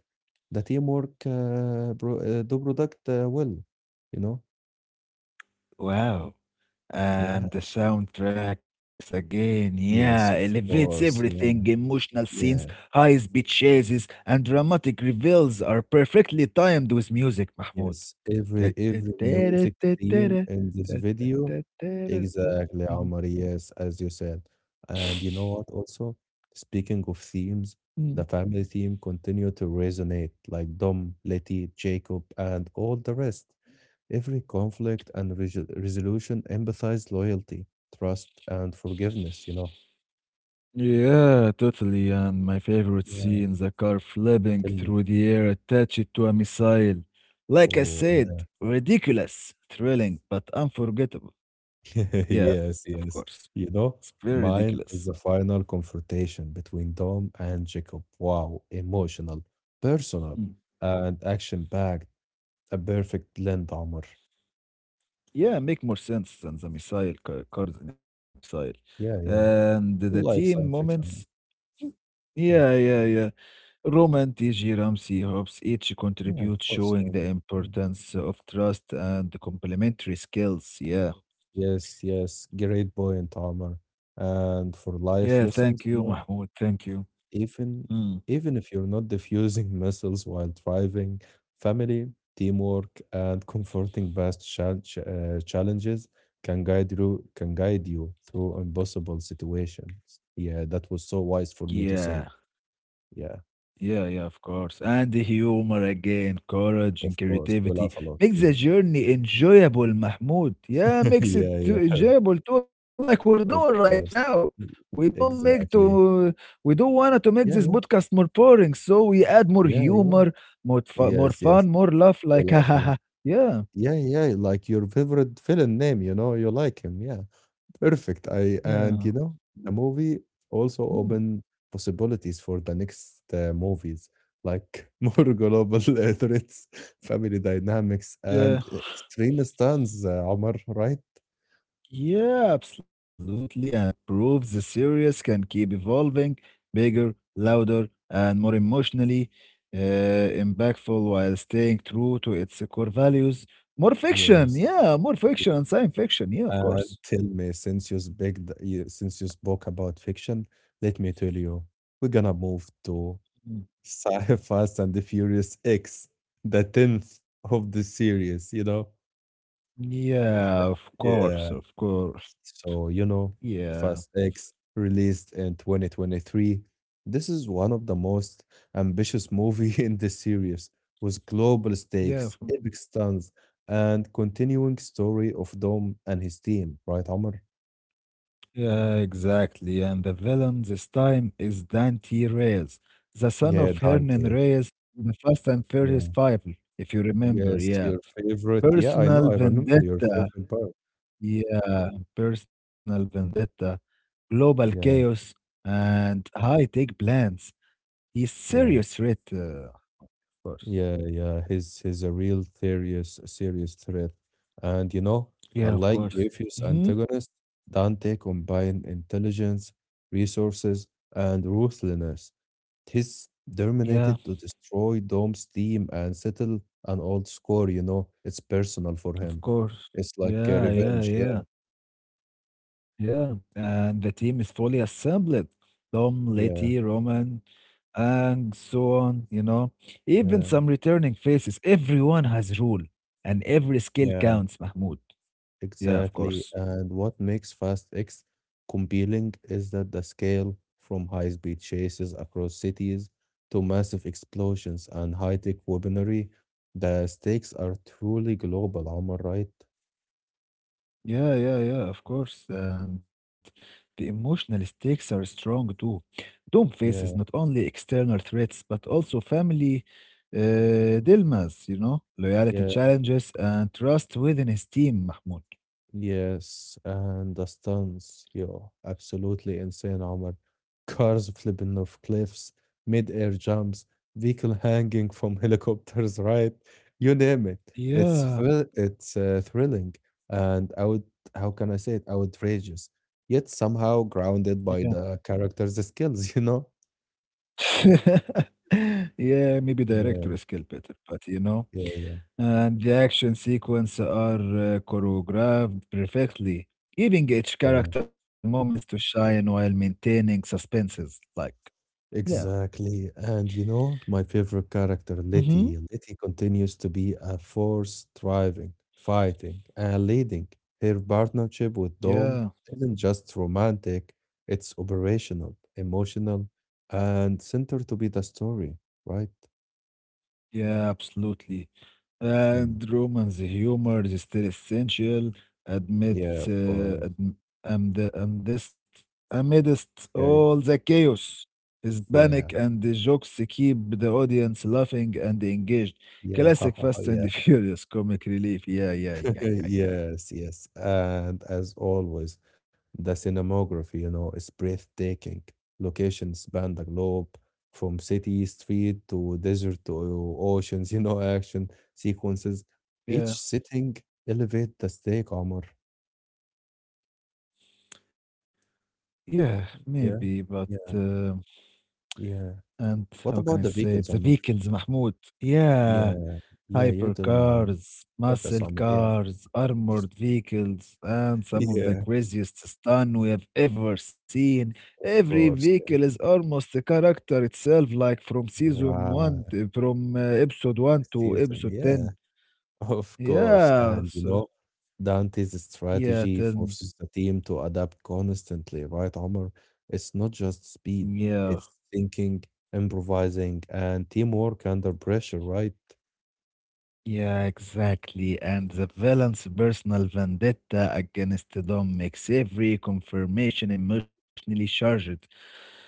S1: the teamwork pro do product well, you know?
S2: Wow.
S1: Yeah,
S2: And the soundtracks again, yeah,
S1: yes, of
S2: elevates
S1: course.
S2: everything.
S1: Yeah,
S2: Emotional scenes,
S1: yeah.
S2: high speed chases, and dramatic reveals are perfectly timed with music, Mahmoud.
S1: Yes,
S2: Ta-
S1: every
S2: ta-
S1: every
S2: ta- ra-
S1: music
S2: ta- ta-
S1: theme
S2: ra,
S1: in this
S2: ta- ta-
S1: video,
S2: ta- ta- ra- ta.
S1: exactly, Omar. Yes, as you said, and you know what? Also, speaking of themes,
S2: Mhm.
S1: the family theme continue to resonate like Dom, Letty, Jacob, and all the rest. Every conflict and resolution emphasize loyalty, trust, and forgiveness.
S2: Yeah, totally. And my favorite
S1: Yeah.
S2: scene, the car flipping
S1: Tell me.
S2: through the air attached to a missile. Like I
S1: Oh,
S2: said, ridiculous, thrilling, but unforgettable. Yeah, of
S1: yes,
S2: course.
S1: yes. You
S2: It's
S1: know,
S2: very ridiculous.
S1: mine is the final confrontation between Dom and Jacob. Wow, emotional,
S2: Mhm.
S1: personal, and action-packed. A perfect blend, Omar.
S2: Yeah, make more sense than the missile, cars in a missile.
S1: Yeah, yeah.
S2: And the
S1: You
S2: team
S1: like science
S2: moments.
S1: fiction.
S2: Yeah,
S1: Yeah,
S2: yeah, yeah. Roman, TG, Ramsey, Hobbs each
S1: yeah, of
S2: contribute
S1: course.
S2: showing the
S1: Omar. Yeah.
S2: importance of trust and complementary skills. Yeah.
S1: Yes, yes. Great point, Omar. And for
S2: Yeah,
S1: life
S2: thank you,
S1: lessons.
S2: Mahmoud. Thank you.
S1: Even
S2: Mm,
S1: even if you're not diffusing missiles while driving, family, teamwork, and comforting past challenges can guide you through impossible situations. Yeah, that was so wise for me to
S2: yeah,
S1: say. Yeah,
S2: yeah, yeah, of course. And the humor again, courage and
S1: of course, we
S2: creativity
S1: laugh a lot.
S2: makes the
S1: Yeah,
S2: journey enjoyable, Mahmoud. Yeah, makes it
S1: yeah,
S2: too
S1: yeah,
S2: enjoyable too, like we're doing
S1: of
S2: right now.
S1: course,
S2: We don't make to
S1: exactly.
S2: we don't want to make this
S1: Yeah,
S2: podcast
S1: yeah,
S2: more boring, so we add more
S1: yeah,
S2: humor,
S1: yeah.
S2: more
S1: Yes,
S2: fun,
S1: yes,
S2: more laugh,
S1: we
S2: like ha
S1: laugh
S2: ha
S1: a lot.
S2: ha. Yeah,
S1: Yeah, yeah, like your favorite villain name, you like him. Yeah. Perfect. I and you
S2: yeah,
S1: know, the movie also
S2: mm,
S1: opened possibilities for the next movies, like more global threats, family dynamics,
S2: yeah.
S1: and extreme stands. Omar, right?
S2: Yeah, absolutely. And it proves the series can keep evolving bigger, louder, and more emotionally impactful while staying true to its core values. More fiction,
S1: Yes.
S2: yeah, more fiction and science fiction, yeah, of
S1: Uh,
S2: course.
S1: tell me, since you spoke about fiction, let me tell you, we're gonna move to
S2: Mm.
S1: Sci Fast and the Furious X, the tenth of the series. You know?
S2: Yeah, of course,
S1: Yeah.
S2: of course.
S1: So,
S2: Yeah,
S1: Fast X released in 2023. This is one of the most ambitious movie in the series with global
S2: yeah, of
S1: stakes, epic stunts, and continuing story of Dom and his team, right, Omar?
S2: yeah, exactly. And the villain this time is Dante Reyes, the son
S1: Yeah,
S2: of Hernan
S1: Dante.
S2: Reyes, in the Fast and Furious
S1: Yeah.
S2: Five, if you remember.
S1: Yes,
S2: Yeah.
S1: your favorite. Yeah, I know.
S2: Personal
S1: I remember your
S2: vendetta.
S1: favorite part.
S2: Yeah. Personal vendetta. Global
S1: Yeah,
S2: chaos and high tech plans. He's
S1: yeah.
S2: serious threat, uh, of course.
S1: Yeah, yeah, he's a real serious threat. And
S2: Yeah, of
S1: unlike
S2: course.
S1: previous
S2: Hmm.
S1: antagonists, Dante combined intelligence, resources, and ruthlessness. He's
S2: Yeah,
S1: determined to destroy Dom's team and settle an old score, it's personal for
S2: of
S1: him.
S2: course.
S1: It's like
S2: Yeah, yeah,
S1: revenge.
S2: yeah.
S1: Yeah,
S2: Yeah, and the team is fully assembled. Tom, Letty,
S1: yeah,
S2: Roman, and so on, you know. Even
S1: yeah,
S2: some returning faces. Everyone has role, and every skill
S1: yeah.
S2: counts, Mahmoud. Yeah, of
S1: Exactly.
S2: course.
S1: And what makes Fast X compelling is that the scale from high-speed chases across cities to massive explosions and high-tech weaponry, the stakes are truly global, Omar, right?
S2: Yeah, yeah, yeah, of course. And the emotional stakes are strong too. Doom faces not
S1: Yeah,
S2: only external threats, but also family dilemmas, you know, loyalty
S1: yeah.
S2: challenges, and trust within his team, Mahmoud.
S1: Yes, and the stunts, yo, absolutely insane, Omar. Cars flipping off cliffs, mid-air jumps, vehicle hanging from helicopters, right? You name it. It's
S2: Yeah,
S1: thrill it's uh, thrilling and out how can I say it? Outrageous, yet somehow
S2: yeah.
S1: grounded by the character's skills, you know?
S2: Yeah, maybe
S1: Yeah,
S2: director skill better, but you know,
S1: yeah, yeah,
S2: and the action sequence are choreographed perfectly, giving each
S1: yeah.
S2: character moments to shine while maintaining suspenses. Like, yeah,
S1: Exactly. And you know, my favorite character,
S2: mm-hmm,
S1: Letty. Letty continues to be a force, thriving, fighting, and leading. Her partnership with Dom
S2: yeah,
S1: isn't just romantic, it's operational, emotional, and centered to be the story, right?
S2: yeah, absolutely.
S1: Mm.
S2: And Roman's humor is still essential
S1: Yeah, of
S2: amidst,
S1: course.
S2: am- amid- amidst, amidst
S1: Yeah, yeah,
S2: all the chaos. His
S1: yeah,
S2: panic and the jokes keep the audience laughing and engaged.
S1: yeah,
S2: Classic Fast
S1: yeah.
S2: and Furious comic relief. Yeah, yeah,
S1: Uh,
S2: yeah, yeah, yeah.
S1: Yes, yes. And as always, the cinematography, you know, is breathtaking. Locations span the globe from city, street to desert to oceans, you know, action sequences.
S2: Yeah,
S1: Each sitting elevate the stake, Omar.
S2: yeah, maybe,
S1: Yeah,
S2: but
S1: yeah, yeah.
S2: and how can
S1: What
S2: I
S1: about the
S2: say it? The
S1: vehicles, Omar?
S2: vehicles, Mahmoud. Yeah.
S1: Yeah, yeah, you tell me, Omar.
S2: Hypercars,
S1: Focus,
S2: muscle
S1: Omar. Yeah,
S2: cars, armored vehicles, and some of the
S1: yeah,
S2: craziest stun we have ever seen.
S1: of
S2: Every
S1: course. Yeah,
S2: vehicle is almost a character itself, like from season
S1: right.
S2: one, to, from episode one to
S1: Season.
S2: episode
S1: Yeah.
S2: 10.
S1: Of course,
S2: Yeah,
S1: and you
S2: so,
S1: know, Dante's
S2: yeah,
S1: strategy
S2: tell me.
S1: forces the team to adapt constantly, right, Omar? It's not just speed,
S2: Yeah,
S1: it's thinking, improvising, and teamwork under pressure, right?
S2: yeah, exactly. And the villain's personal vendetta against Dom makes every confirmation emotionally charged.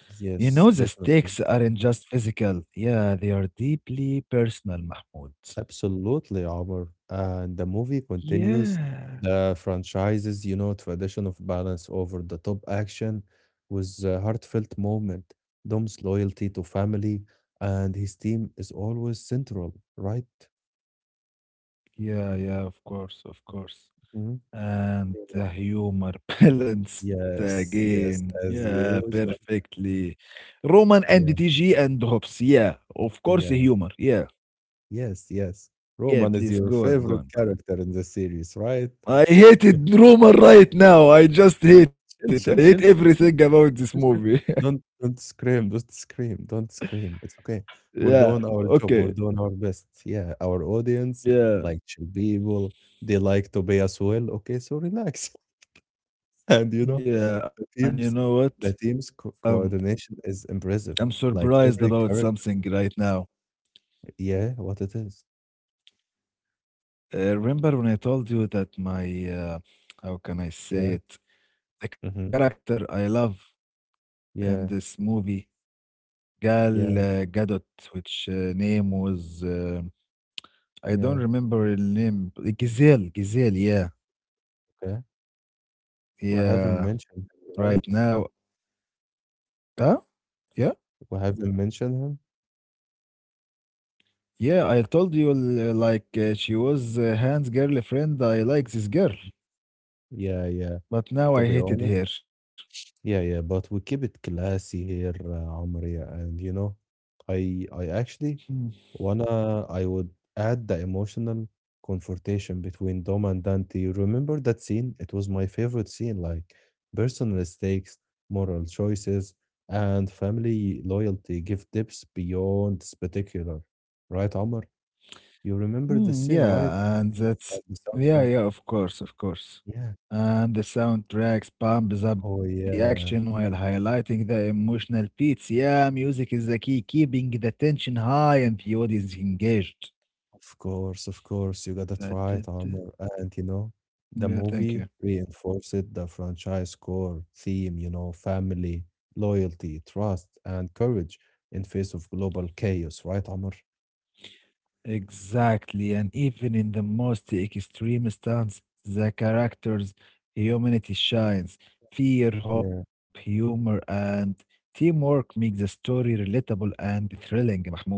S2: You know, the
S1: Yes,
S2: stakes
S1: definitely.
S2: aren't just physical. Yeah, they are deeply personal, Mahmoud.
S1: Absolutely, Omar. And the movie continues
S2: Yeah.
S1: the franchise's, you know, tradition of balance over the top action with a heartfelt moment, Dom's loyalty to family, and his team is always central, right?
S2: Yeah, yeah, of course, of course.
S1: Mhm.
S2: And
S1: Yeah.
S2: the humor balance
S1: Yes,
S2: again.
S1: yes, as
S2: Yeah,
S1: usual.
S2: perfectly. Roman and
S1: Yeah,
S2: DTG and Hobbs. Yeah, of course, the
S1: yeah,
S2: humor. Yeah,
S1: yes, yes.
S2: yeah,
S1: Roman is
S2: please
S1: your
S2: go on, go
S1: favorite
S2: on, go on.
S1: character in the series, right?
S2: I hated Roman right now. I just hate it. I
S1: Chill,
S2: hate
S1: chill, chill,
S2: everything
S1: chill, chill,
S2: about this
S1: chill,
S2: movie.
S1: chill. Don't scream, don't scream, don't scream. It's okay.
S2: Yeah,
S1: We're doing our
S2: okay.
S1: job. We're doing our best. Yeah, our audience,
S2: Yeah.
S1: like chill people, they like to be as well. Okay, so relax. And you know,
S2: Yeah, and
S1: the
S2: you know
S1: teams,
S2: what?
S1: the team's co
S2: Um,
S1: coordination is
S2: I'm
S1: impressive. Like
S2: surprised
S1: every
S2: about
S1: character,
S2: something right now.
S1: yeah, what it is.
S2: Remember when I told you that my, how can I say
S1: Yeah,
S2: it? The
S1: mhm,
S2: character I love in this
S1: yeah,
S2: movie, Gal
S1: yeah,
S2: Gadot, which name was, I don't
S1: yeah,
S2: remember her name. Giselle, Giselle,
S1: yeah,
S2: yeah.
S1: okay. We haven't
S2: Yeah,
S1: mentioned
S2: right
S1: him,
S2: now.
S1: right?
S2: Huh? Yeah?
S1: We haven't mentioned him?
S2: Yeah, I told you like she was Hans' girlfriend. I like this girl,
S1: Yeah, yeah,
S2: but now
S1: to
S2: I
S1: be
S2: hated
S1: honest.
S2: her.
S1: Yeah, yeah, but we keep it classy here, Omar, yeah, and you know, I actually
S2: Mm,
S1: wanna I would add the emotional confrontation between Dom and Dante. You remember that scene? It was my favorite scene, like personal stakes, moral choices, and family loyalty give depths beyond spectacular. Right, Omar? You remember the
S2: mm,
S1: scene, right?
S2: yeah, and that's
S1: At The
S2: yeah,
S1: soundtrack.
S2: yeah, of course, of course.
S1: Yeah.
S2: And the soundtracks pumps up the
S1: Oh
S2: action while
S1: yeah.
S2: highlighting the emotional beats. Yeah, music is the key, keeping the tension high and the audience engaged.
S1: Of course, you got to
S2: That,
S1: try it,
S2: that, that-
S1: Armor. And you know, the
S2: yeah, thank
S1: movie
S2: you.
S1: reinforced the franchise core theme, you know, family, loyalty, trust, and courage in face of global chaos, right, Armor?
S2: Exactly, and even in the most extreme stance, the character's humanity shines. Fear, hope,
S1: Yeah.
S2: humor, and teamwork make the story relatable and thrilling, Mahmoud.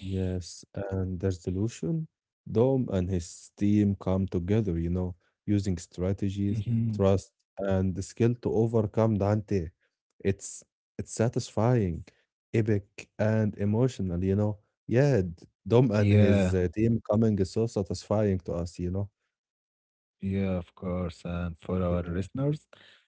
S1: Yes, and their solution? Dom and his team come together, you know, using strategies,
S2: Mhm.
S1: trust, and the skill to overcome Dante. It's it's satisfying, epic, and emotional, you know. Yeah, Dom and
S2: Yeah.
S1: his team coming is so satisfying to us, you know.
S2: Yeah, of course. And for our
S1: Yeah,
S2: listeners,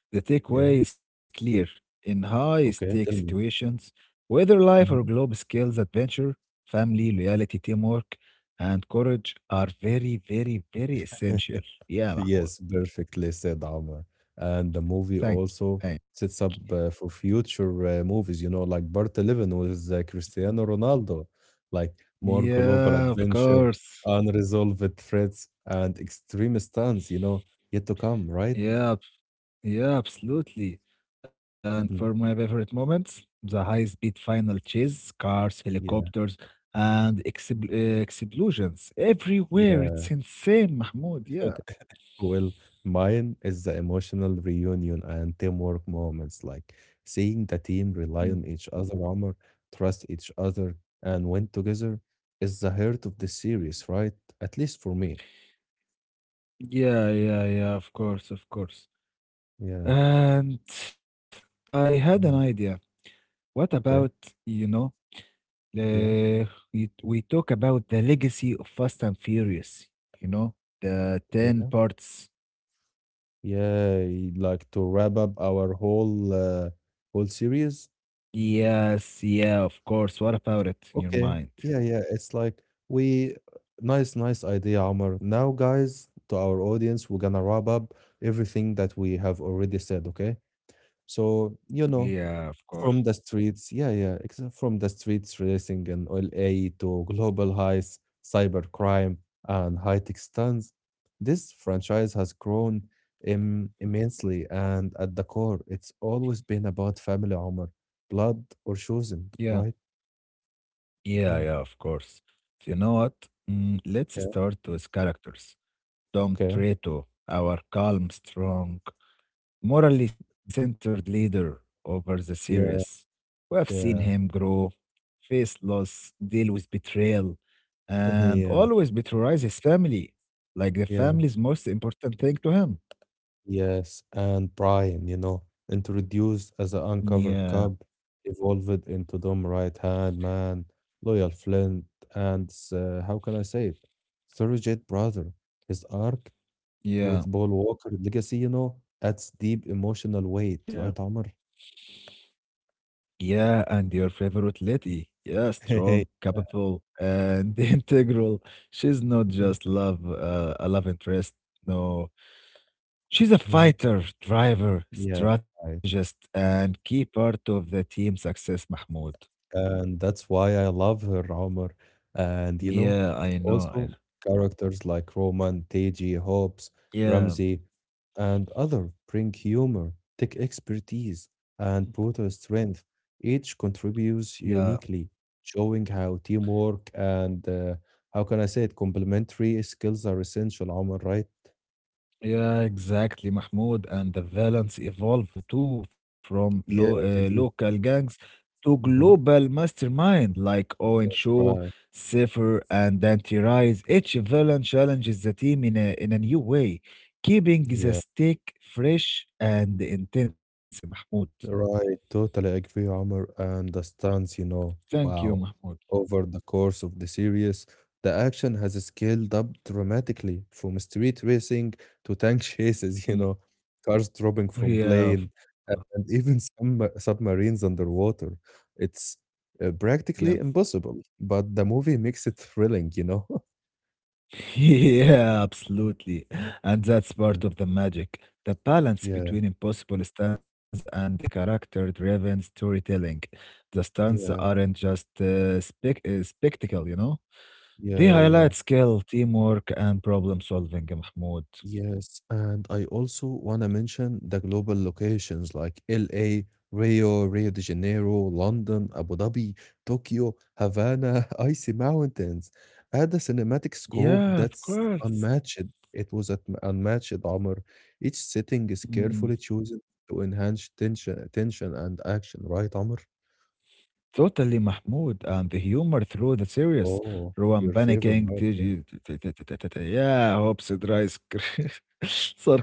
S2: the takeaway
S1: yeah.
S2: is clear. In high stake
S1: Okay, tell me.
S2: situations, whether life or
S1: Mhm.
S2: globe skills, adventure, family, loyalty, teamwork, and courage are very, very, very essential. Yeah, Mahmoud.
S1: Yes, perfectly said, Omar. And the movie
S2: Thank you.
S1: also
S2: Thank
S1: sets up for future movies, you know, like Part 11 with
S2: you.
S1: Cristiano Ronaldo, like more global
S2: Yeah, of
S1: adventure,
S2: course.
S1: unresolved threats, and extreme stunts, you know, yet to come, right?
S2: Yeah, yeah, absolutely. And for my
S1: Hmm.
S2: favorite moments, the high-speed final chase, cars,
S1: Yeah,
S2: helicopters, and explosions everywhere.
S1: yeah.
S2: It's insane, Mahmoud. Yeah.
S1: Well, mine is the emotional reunion and teamwork moments, like seeing the team
S2: Mm.
S1: rely on each other, armor, trust each other, and win together is the heart of the series, right? At least for me.
S2: Yeah, yeah, yeah, of course, of course.
S1: Yeah,
S2: And I had an
S1: yeah,
S2: idea. What about,
S1: okay,
S2: you know,
S1: yeah,
S2: uh, we talk about the legacy of Fast and Furious, you know, the 10
S1: yeah,
S2: parts.
S1: yeah. Like to wrap up our whole whole series.
S2: Yes, yeah, of course. What about it in your
S1: Okay.
S2: mind?
S1: Yeah, yeah. It's like we nice, nice idea, Omar. Now, guys, to our audience, we're gonna wrap up everything that we have already said, okay? So, you know,
S2: Yeah, of course.
S1: from the streets, yeah, yeah, from the streets racing in LA to global heists, cybercrime, and high-tech stunts, this franchise has grown im immensely, and at the core, it's always been about family, Omar, blood or chosen,
S2: Yeah,
S1: right?
S2: yeah, yeah,
S1: Yeah,
S2: of course. You know what? Mm, let's
S1: yeah.
S2: start with characters. Dom
S1: Okay.
S2: Treto, our calm, strong, morally centered leader over the series.
S1: Yeah,
S2: We have seen him
S1: yeah,
S2: grow, face loss, deal with betrayal, and
S1: yeah,
S2: always betrayalize his family, like the
S1: yeah,
S2: family's most important thing to him.
S1: yes. And Brian, you know, introduced as an
S2: Yeah,
S1: uncovered cub, evolved into dumb right hand man, loyal Flint, and how can I say it? Surrogate brother. His arc
S2: yeah.
S1: with Paul Walker legacy, you know, adds deep emotional
S2: Yeah.
S1: weight, right, Amr?
S2: Yeah, and your favorite lady. Yeah, strong,
S1: Yeah.
S2: capable, and integral. She's not
S1: Mhm,
S2: just love, uh, a love interest. No, she's a
S1: mhm.
S2: fighter, driver,
S1: Yeah,
S2: strategist,
S1: right.
S2: and key part of the team success, Mahmoud.
S1: And that's why I love her, Omar. And you know,
S2: Yeah, I know.
S1: also characters like Roman, Teji, Hobbs,
S2: Yeah,
S1: Ramsey, and other bring humor, tech expertise, and brutal strength. Each contributes
S2: yeah.
S1: uniquely, showing how teamwork and how can I say it, complementary skills are essential, Omar, right?
S2: Yeah, exactly, Mahmoud. And the violence evolved too from lo
S1: Yeah, they do.
S2: local gangs to
S1: Mhm.
S2: global mastermind like Owen
S1: Yes,
S2: Shaw,
S1: right.
S2: Cypher, and Dante Rice. Each villain challenges the team in a new way, keeping the
S1: Yeah.
S2: stake fresh and intense, Mahmoud.
S1: Right, totally agree, Omar, and the stance, you know,
S2: Thank you,
S1: wow.
S2: Mahmoud.
S1: Over the course of the series, the action has scaled up dramatically from street racing to tank chases, you
S2: Mm.
S1: know, cars dropping from
S2: Yeah, of
S1: plane,
S2: course.
S1: and even some submarines underwater. It's
S2: Yeah.
S1: practically impossible, but the movie makes it thrilling, you know?
S2: Yeah, absolutely. And that's
S1: Mhm.
S2: part of the magic, the balance
S1: Yeah,
S2: between impossible stunts and the character-driven storytelling. The stunts
S1: yeah,
S2: aren't just spectacle, you know? They
S1: yeah, yeah.
S2: highlight skill, teamwork, and problem solving, Mahmoud.
S1: Yes, and I also want to mention the global locations like LA, Rio, Rio de Janeiro, London, Abu Dhabi, Tokyo, Havana, Icy Mountains. Add a cinematic scope
S2: Yeah, of
S1: that's
S2: course.
S1: unmatched. It was at unmatched, Omar. Each setting is
S2: Hmm.
S1: carefully chosen to enhance tension and action, right, Omar?
S2: Totally, Mahmoud. And the humor through the series.
S1: Oh,
S2: Rowan
S1: your favorite
S2: panicking.
S1: part,
S2: T-
S1: yeah.
S2: t- t- t- t- t- t- Yeah, hopes it dries.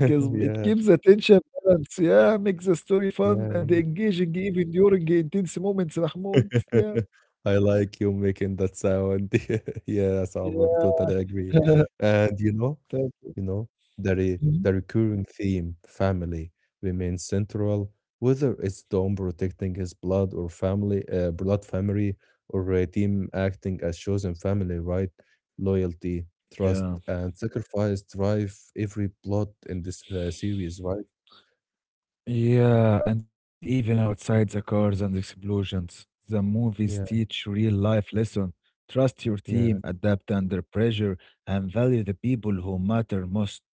S2: It
S1: Yeah,
S2: keeps the tension balance. Yeah, makes the story fun
S1: yeah.
S2: and engaging even during intense moments, Mahmoud. Yeah.
S1: I like you making that sound. Yes, Omar,
S2: Yeah.
S1: totally agree. And
S2: Thank you.
S1: you know,
S2: Mhm.
S1: the recurring theme, family, remains central, whether it's Dom protecting his blood or family, blood family, or a team acting as chosen family, right? Loyalty, trust,
S2: Yeah.
S1: and sacrifice drive every plot in this series, right?
S2: Yeah, and even outside the cars and explosions, the movies
S1: Yeah,
S2: teach real life lesson. Trust your
S1: yeah.
S2: team, adapt under pressure, and value the people who matter most.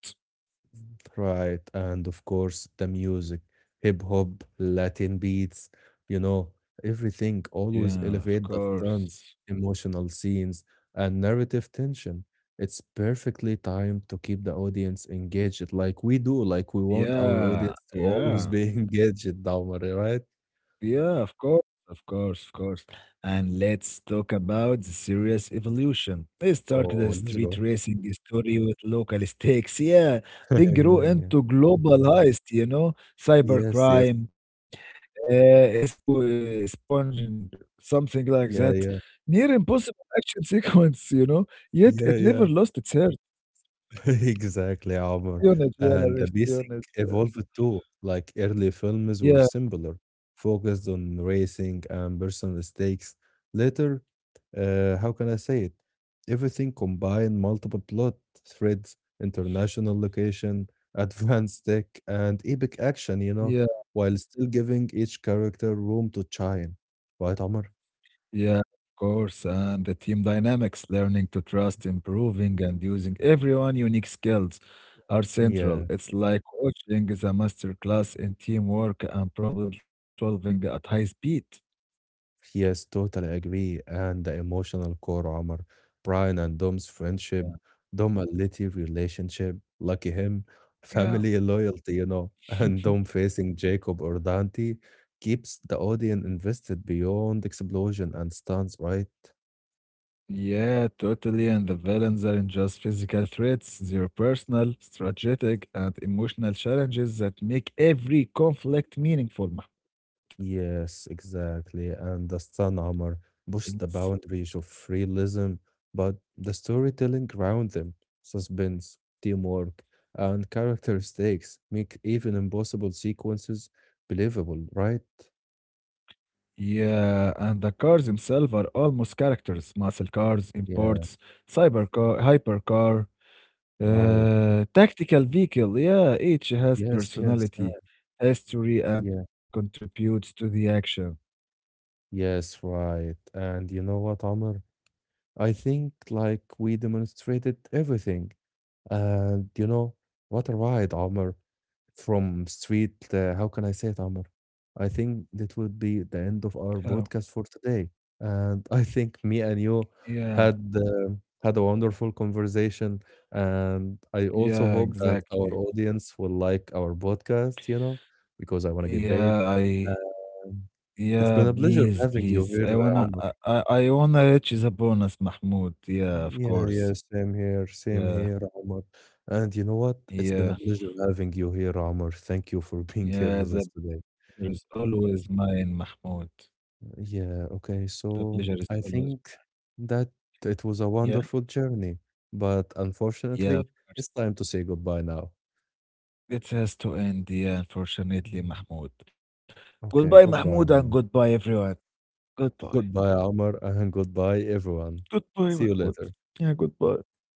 S1: Right, and of course the music, hip hop, Latin beats, you know, everything
S2: Yeah,
S1: always
S2: of
S1: elevate the
S2: course.
S1: stunts, emotional scenes, and narrative tension. It's perfectly timed to keep the audience engaged, like we do, like we want our
S2: Yeah,
S1: audience to always
S2: yeah,
S1: be engaged, Dahmer, right?
S2: yeah, of course, of course, of course. And let's talk about the serious evolution. They started
S1: Oh,
S2: as
S1: let's
S2: street
S1: go.
S2: racing story with local stakes. Yeah,
S1: Yeah,
S2: then grew
S1: yeah.
S2: into global heist, you know,
S1: Yes, yes.
S2: cybercrime. Espo Sponging, something like that.
S1: Yeah, yeah.
S2: Near impossible action sequence, you know, yet it
S1: Yeah,
S2: never
S1: yeah.
S2: lost its heart.
S1: Exactly, Omar.
S2: Espionage,
S1: And
S2: yeah,
S1: the pacing
S2: espionage, yeah.
S1: evolved too. Like early films were
S2: Yeah,
S1: simpler, focused on racing and personal stakes. Later, how can I say it? Everything combined multiple plot threads, international location, advanced tech, and epic action, you know,
S2: yeah,
S1: while still giving each character room to shine. Right, Omar?
S2: yeah, of course. And the team dynamics, learning to trust, improving, and using everyone unique skills are central.
S1: Yeah.
S2: It's like watching the master class in teamwork and problem solving at high speed.
S1: Yes, totally agree. And the emotional core, Omar, Brian and Dom's
S2: Yeah,
S1: friendship, Dom a litty relationship, lucky him,
S2: yeah.
S1: family loyalty, you know, and Dom facing Jacob or Dante keeps the audience invested beyond explosion and stunts, right?
S2: Yeah, totally. And the villains aren't just physical threats, they're personal, strategic, and emotional challenges that make every conflict meaningful, Mahmoud.
S1: Yes, exactly. And the Sun Omar pushed
S2: It's-
S1: the boundaries of realism, but the storytelling around them, suspense, teamwork, and character stakes make even impossible sequences believable, right?
S2: yeah, and the cars themselves are almost characters muscle cars,
S1: Yeah,
S2: imports, cybercar, hypercar,
S1: right.
S2: tactical vehicle. Yeah, each has
S1: Yes, yes,
S2: personality,
S1: right.
S2: history, and
S1: Yeah,
S2: contributes to the action.
S1: yes, right. And you know what, Amr? I think like we demonstrated everything. And you know what a ride, Omar. From street, how can I say it, Amr? I think that would be the end of
S2: Oh,
S1: our podcast for today. And I think me and you
S2: yeah,
S1: had had a wonderful conversation, and I also
S2: yeah,
S1: hope that our
S2: exactly.
S1: audience will like our podcast. You know, because I want to get paid.
S2: Yeah, I
S1: Um, it's been
S2: Yeah,
S1: a pleasure
S2: please,
S1: having you
S2: please.
S1: here,
S2: I wanna,
S1: Omar.
S2: I, I I wanna reach the bonus, Mahmoud. Yeah, of
S1: Yeah,
S2: course.
S1: yeah, same
S2: Yeah,
S1: here, Omar. And you know what? It's been a
S2: yeah,
S1: pleasure having you here, Omar. Thank you for being here
S2: yeah.
S1: with us
S2: The
S1: today.
S2: pleasure is always mine, Mahmoud.
S1: Yeah, okay.
S2: The pleasure is
S1: So I
S2: always.
S1: think that it was a
S2: Yeah,
S1: wonderful journey, but
S2: yeah, of
S1: unfortunately,
S2: course.
S1: it's time to say goodbye now.
S2: It has to end. Yeah, unfortunately,
S1: Mm.
S2: Mahmoud.
S1: Okay,
S2: Goodbye, Mahmoud, and
S1: goodbye.
S2: goodbye, everyone. Goodbye.
S1: Goodbye, Amar, and goodbye, everyone. See you
S2: Goodbye,
S1: later.
S2: Mahmoud. Yeah, goodbye.